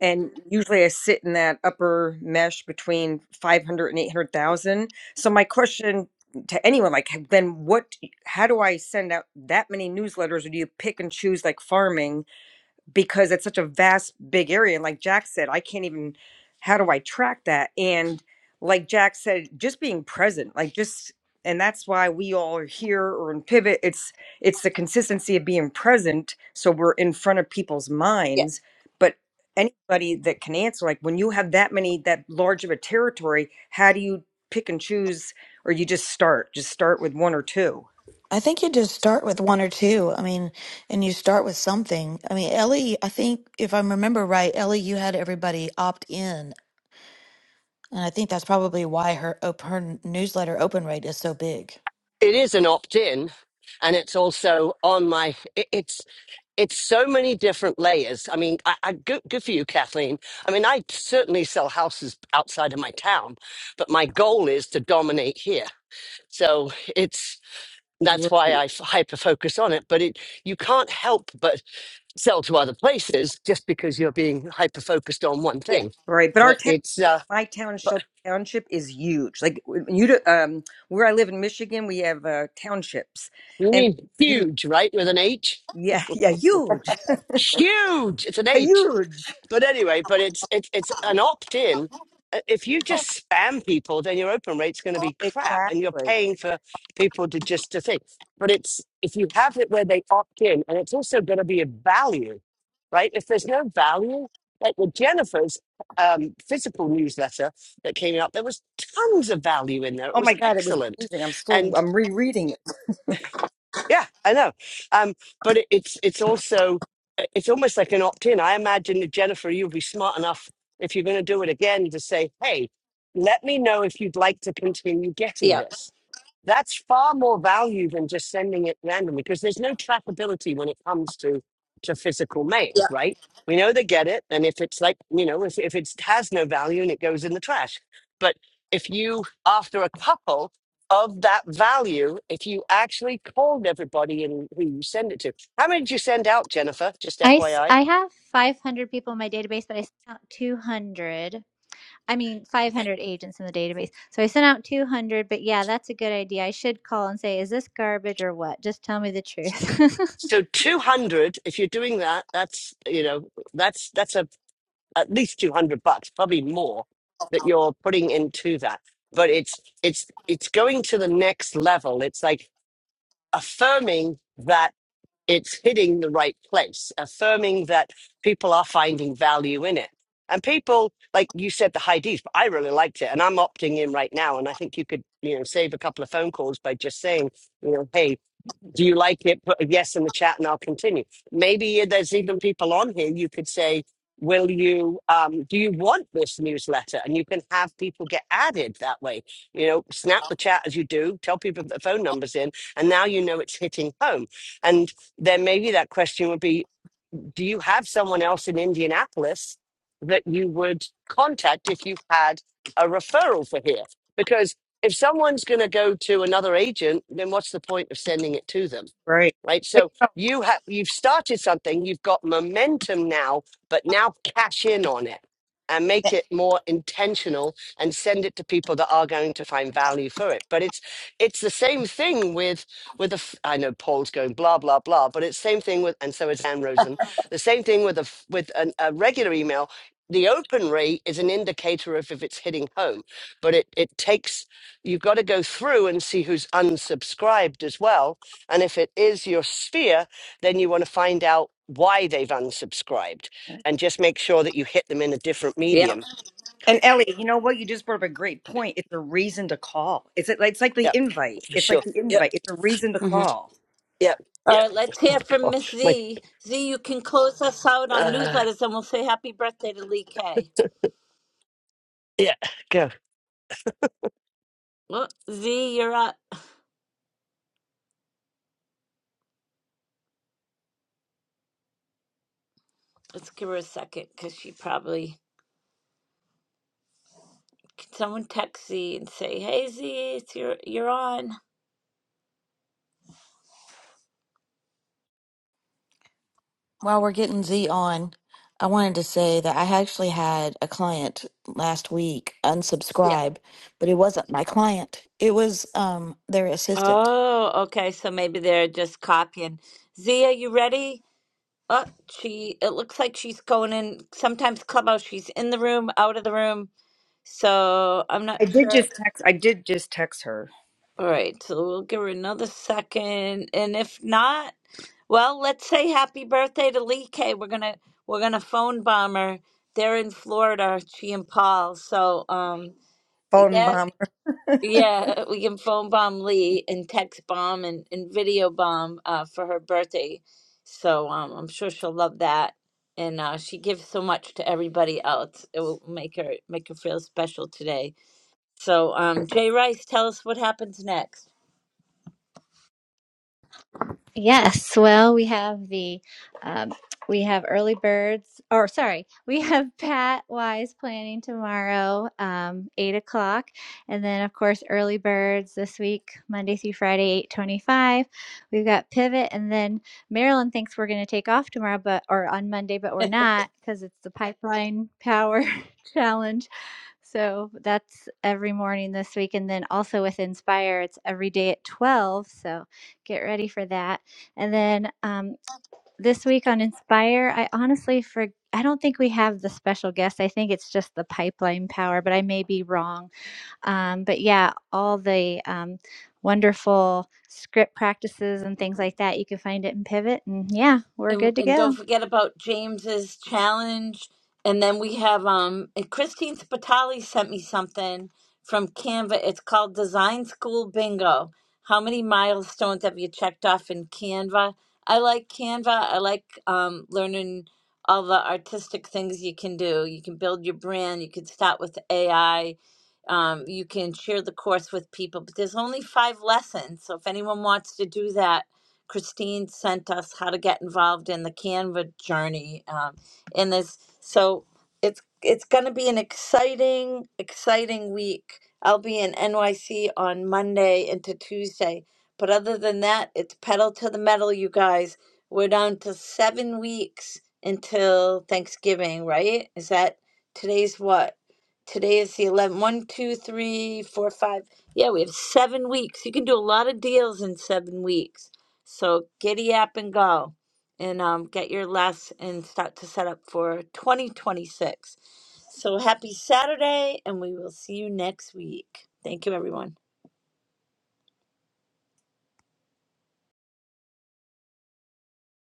[SPEAKER 4] and usually I sit in that upper mesh between 500 and 800,000. So my question to anyone like then what how do I send out that many newsletters or do you pick and choose like farming? because it's such a vast big area and like jack said i can't even how do i track that and like jack said just being present like just and that's why we all are here or in pivot it's it's the consistency of being present so we're in front of people's
[SPEAKER 2] Yeah.
[SPEAKER 4] minds but anybody that can answer like when you have that many that large of a territory how do you pick and choose or you just start just start with one or two
[SPEAKER 11] I think you just start with one or two. I mean, and you start with something. I mean, Ellie, I think if I remember right, Ellie, you had everybody opt in, and I think that's probably why her op- her newsletter open rate is so big.
[SPEAKER 6] It is an opt-in, and it's also on my. It, it's it's so many different layers. I mean, I, I good, good for you, Kathleen. I mean, I certainly sell houses outside of my town, but my goal is to dominate here. So it's that's
[SPEAKER 4] right
[SPEAKER 6] why I hyper focus on it. But it you can't help but sell to other places just because you're being hyper focused on one
[SPEAKER 2] Yeah.
[SPEAKER 6] thing.
[SPEAKER 4] right but our
[SPEAKER 6] But it's uh,
[SPEAKER 4] my town,
[SPEAKER 6] but
[SPEAKER 4] Shelby Township, is huge. Like w- you, do- um, where I live in Michigan, we have uh, townships,
[SPEAKER 6] you
[SPEAKER 4] and
[SPEAKER 6] mean
[SPEAKER 4] huge.
[SPEAKER 6] huge, right? With an H,
[SPEAKER 4] Yeah, yeah, huge,
[SPEAKER 6] huge. It's an H.
[SPEAKER 4] huge.
[SPEAKER 6] But anyway, but it's it's it's an opt in. If you just spam people, then your open rate's going to be crap, and you're
[SPEAKER 4] Exactly.
[SPEAKER 6] paying for
[SPEAKER 4] Right.
[SPEAKER 6] people to just to think. But it's if you have it where they opt in, and it's also going to be a value, right? If there's no value, like with Jennifer's um, physical newsletter that came out, there was tons of value in there. It
[SPEAKER 4] Oh
[SPEAKER 6] was
[SPEAKER 4] my God, it was
[SPEAKER 6] excellent,
[SPEAKER 4] amazing. I'm still,
[SPEAKER 6] and.
[SPEAKER 4] I'm rereading it.
[SPEAKER 6] Yeah, I know. Um, but it, it's it's also it's almost like an opt-in. I imagine that Jennifer, you'll be smart enough if you're going to do it again to say, "Hey, let me know if you'd like to continue getting
[SPEAKER 2] Yeah.
[SPEAKER 6] this." That's far more value than just sending it randomly because there's no trackability when it comes to to physical mail,
[SPEAKER 2] Yeah.
[SPEAKER 6] right? We know they get it, and if it's like you know, if if it has no value and it goes in the trash, but if you after a couple of that value if you actually called everybody and who you send it to. How many did you send out, Jennifer? Just
[SPEAKER 3] I, s-
[SPEAKER 6] FYI.
[SPEAKER 3] I have 500 people in my database, but I sent out 200. I mean,
[SPEAKER 6] Okay.
[SPEAKER 3] 500 agents in the database. So I sent out 200, but yeah, that's a good idea. I should call and say, is this garbage or what? Just tell me the truth.
[SPEAKER 6] So 200, if you're doing that, that's, you know, that's, that's a, at least 200 bucks, probably more that you're putting into that. But it's, it's, it's going to the next level. It's like affirming that. it's hitting the right place, affirming that people are finding value in it. And people, like you said, the high Ds, but I really liked it. And I'm opting in right now. And I think you could, you know, save a couple of phone calls by just saying, you know, hey, do you like it? Put a yes in the chat and I'll continue. Maybe there's even people on here you could say, Will you, um, do you want this newsletter? And you can have people get added that way. You know, snap the chat as you do, tell people the phone numbers in, and now you know it's hitting home. And then maybe that question would be Do you have someone else in Indianapolis that you would contact if you had a referral for here? Because if someone's going to go to another agent, then what's the point of sending it to them?
[SPEAKER 4] Right.
[SPEAKER 6] right?
[SPEAKER 4] But you
[SPEAKER 6] So
[SPEAKER 4] know,
[SPEAKER 6] you have you've started something, you've got momentum now, but now cash in on it and make it more intentional and send it to people that are going to find value for it. But it's it's the same thing with with a f- I know Paul's going blah blah blah, but it's same thing with and so is Anne Rosen. The same thing with a f- with an, a regular email. The open rate is an indicator of if it's hitting home, but it, it takes, you've got to go through and see who's unsubscribed as well and if it is your sphere, then you want to find out why they've unsubscribed
[SPEAKER 4] eh,
[SPEAKER 6] and just make sure that you hit them in a different
[SPEAKER 2] Yeah.
[SPEAKER 6] medium.
[SPEAKER 4] and Ellie, you know what? You just brought up a great point. It's a reason to call. It's like it's like the
[SPEAKER 6] Yep,
[SPEAKER 4] invite.
[SPEAKER 6] for
[SPEAKER 4] It's
[SPEAKER 6] sure.
[SPEAKER 4] like the
[SPEAKER 6] Yep,
[SPEAKER 4] invite. It's a reason to
[SPEAKER 2] Mm-hmm.
[SPEAKER 4] call.
[SPEAKER 6] yep,
[SPEAKER 2] All
[SPEAKER 6] yep.
[SPEAKER 2] right. Let's hear from
[SPEAKER 6] Oh,
[SPEAKER 2] Miss
[SPEAKER 6] my,
[SPEAKER 2] Z. Z, you can close us out on
[SPEAKER 6] uh,
[SPEAKER 2] newsletters, and we'll say happy birthday to Lee K.
[SPEAKER 6] yeah, go.
[SPEAKER 2] Well, Z, you're up. Let's give her a second because she probably. Can someone text Z and say, "Hey Z, it's your you're on."
[SPEAKER 11] While we're getting Z on, I wanted to say that I actually had a client last week
[SPEAKER 2] Yeah.
[SPEAKER 11] unsubscribe, but it wasn't my client. It was um their assistant.
[SPEAKER 2] Oh, okay. So maybe they're just copying. Z, are you ready? Uh, she it looks like she's going in sometimes clubhouse she's in the room, out of the room. So I'm
[SPEAKER 4] I
[SPEAKER 2] not
[SPEAKER 4] did
[SPEAKER 2] sure.
[SPEAKER 4] just text. I did just text her.
[SPEAKER 2] All right, so we'll give her another second. And if not, well, let's say happy birthday to Lee K. We're gonna we're gonna phone bomb her. They're in Florida, she and Paul. So um
[SPEAKER 4] Phone
[SPEAKER 2] yeah,
[SPEAKER 4] bomb.
[SPEAKER 2] Yeah, we can phone bomb Lee and text bomb and, and video bomb uh, for her birthday. So um, I'm sure she'll love that. And uh, she gives so much to everybody else. It will make her make her feel special today. So um, Jay Rice, tell us what happens next.
[SPEAKER 3] Yes, well, we have the um, we have early birds, or sorry, we have Pat Wise planning tomorrow, um, eight o'clock, and then of course early birds this week, Monday through Friday, eight twenty-five. We've got pivot, and then Marilyn thinks we're going to take off tomorrow, but or on Monday, but we're not because it's the pipeline power challenge. So that's every morning this week, and then also with Inspire, it's every day at twelve. So get ready for that. And then um, this week on Inspire, I honestly for I don't think we have the special guest. I think it's just the pipeline power, but I may be wrong. Um, but yeah, all the um, wonderful script practices and things like that you can find it in Pivot. And yeah, we're
[SPEAKER 2] and
[SPEAKER 3] good to
[SPEAKER 2] and
[SPEAKER 3] go.
[SPEAKER 2] don't forget about James's challenge. And then we have um and Christine Spitali sent me something from Canva. It's called Design School Bingo. How many milestones have you checked off in Canva? I like Canva. I like um, learning all the artistic things you can do. You can build your brand. You can start with AI. Um, you can share the course with people. But there's only five lessons. So if anyone wants to do that, Christine sent us how to get involved in the Canva journey um, in this. So it's it's going to be an exciting, exciting week. I'll be in NYC on Monday into Tuesday. But other than that, it's pedal to the metal, you guys. We're down to seven weeks until Thanksgiving, right? Is that today's what? Today is the 11th. One, two, three, four, five. Yeah, we have seven weeks. You can do a lot of deals in seven weeks. So giddy up and go and um, get your less and start to set up for 2026. So happy Saturday, and we will see you next week. Thank you, everyone.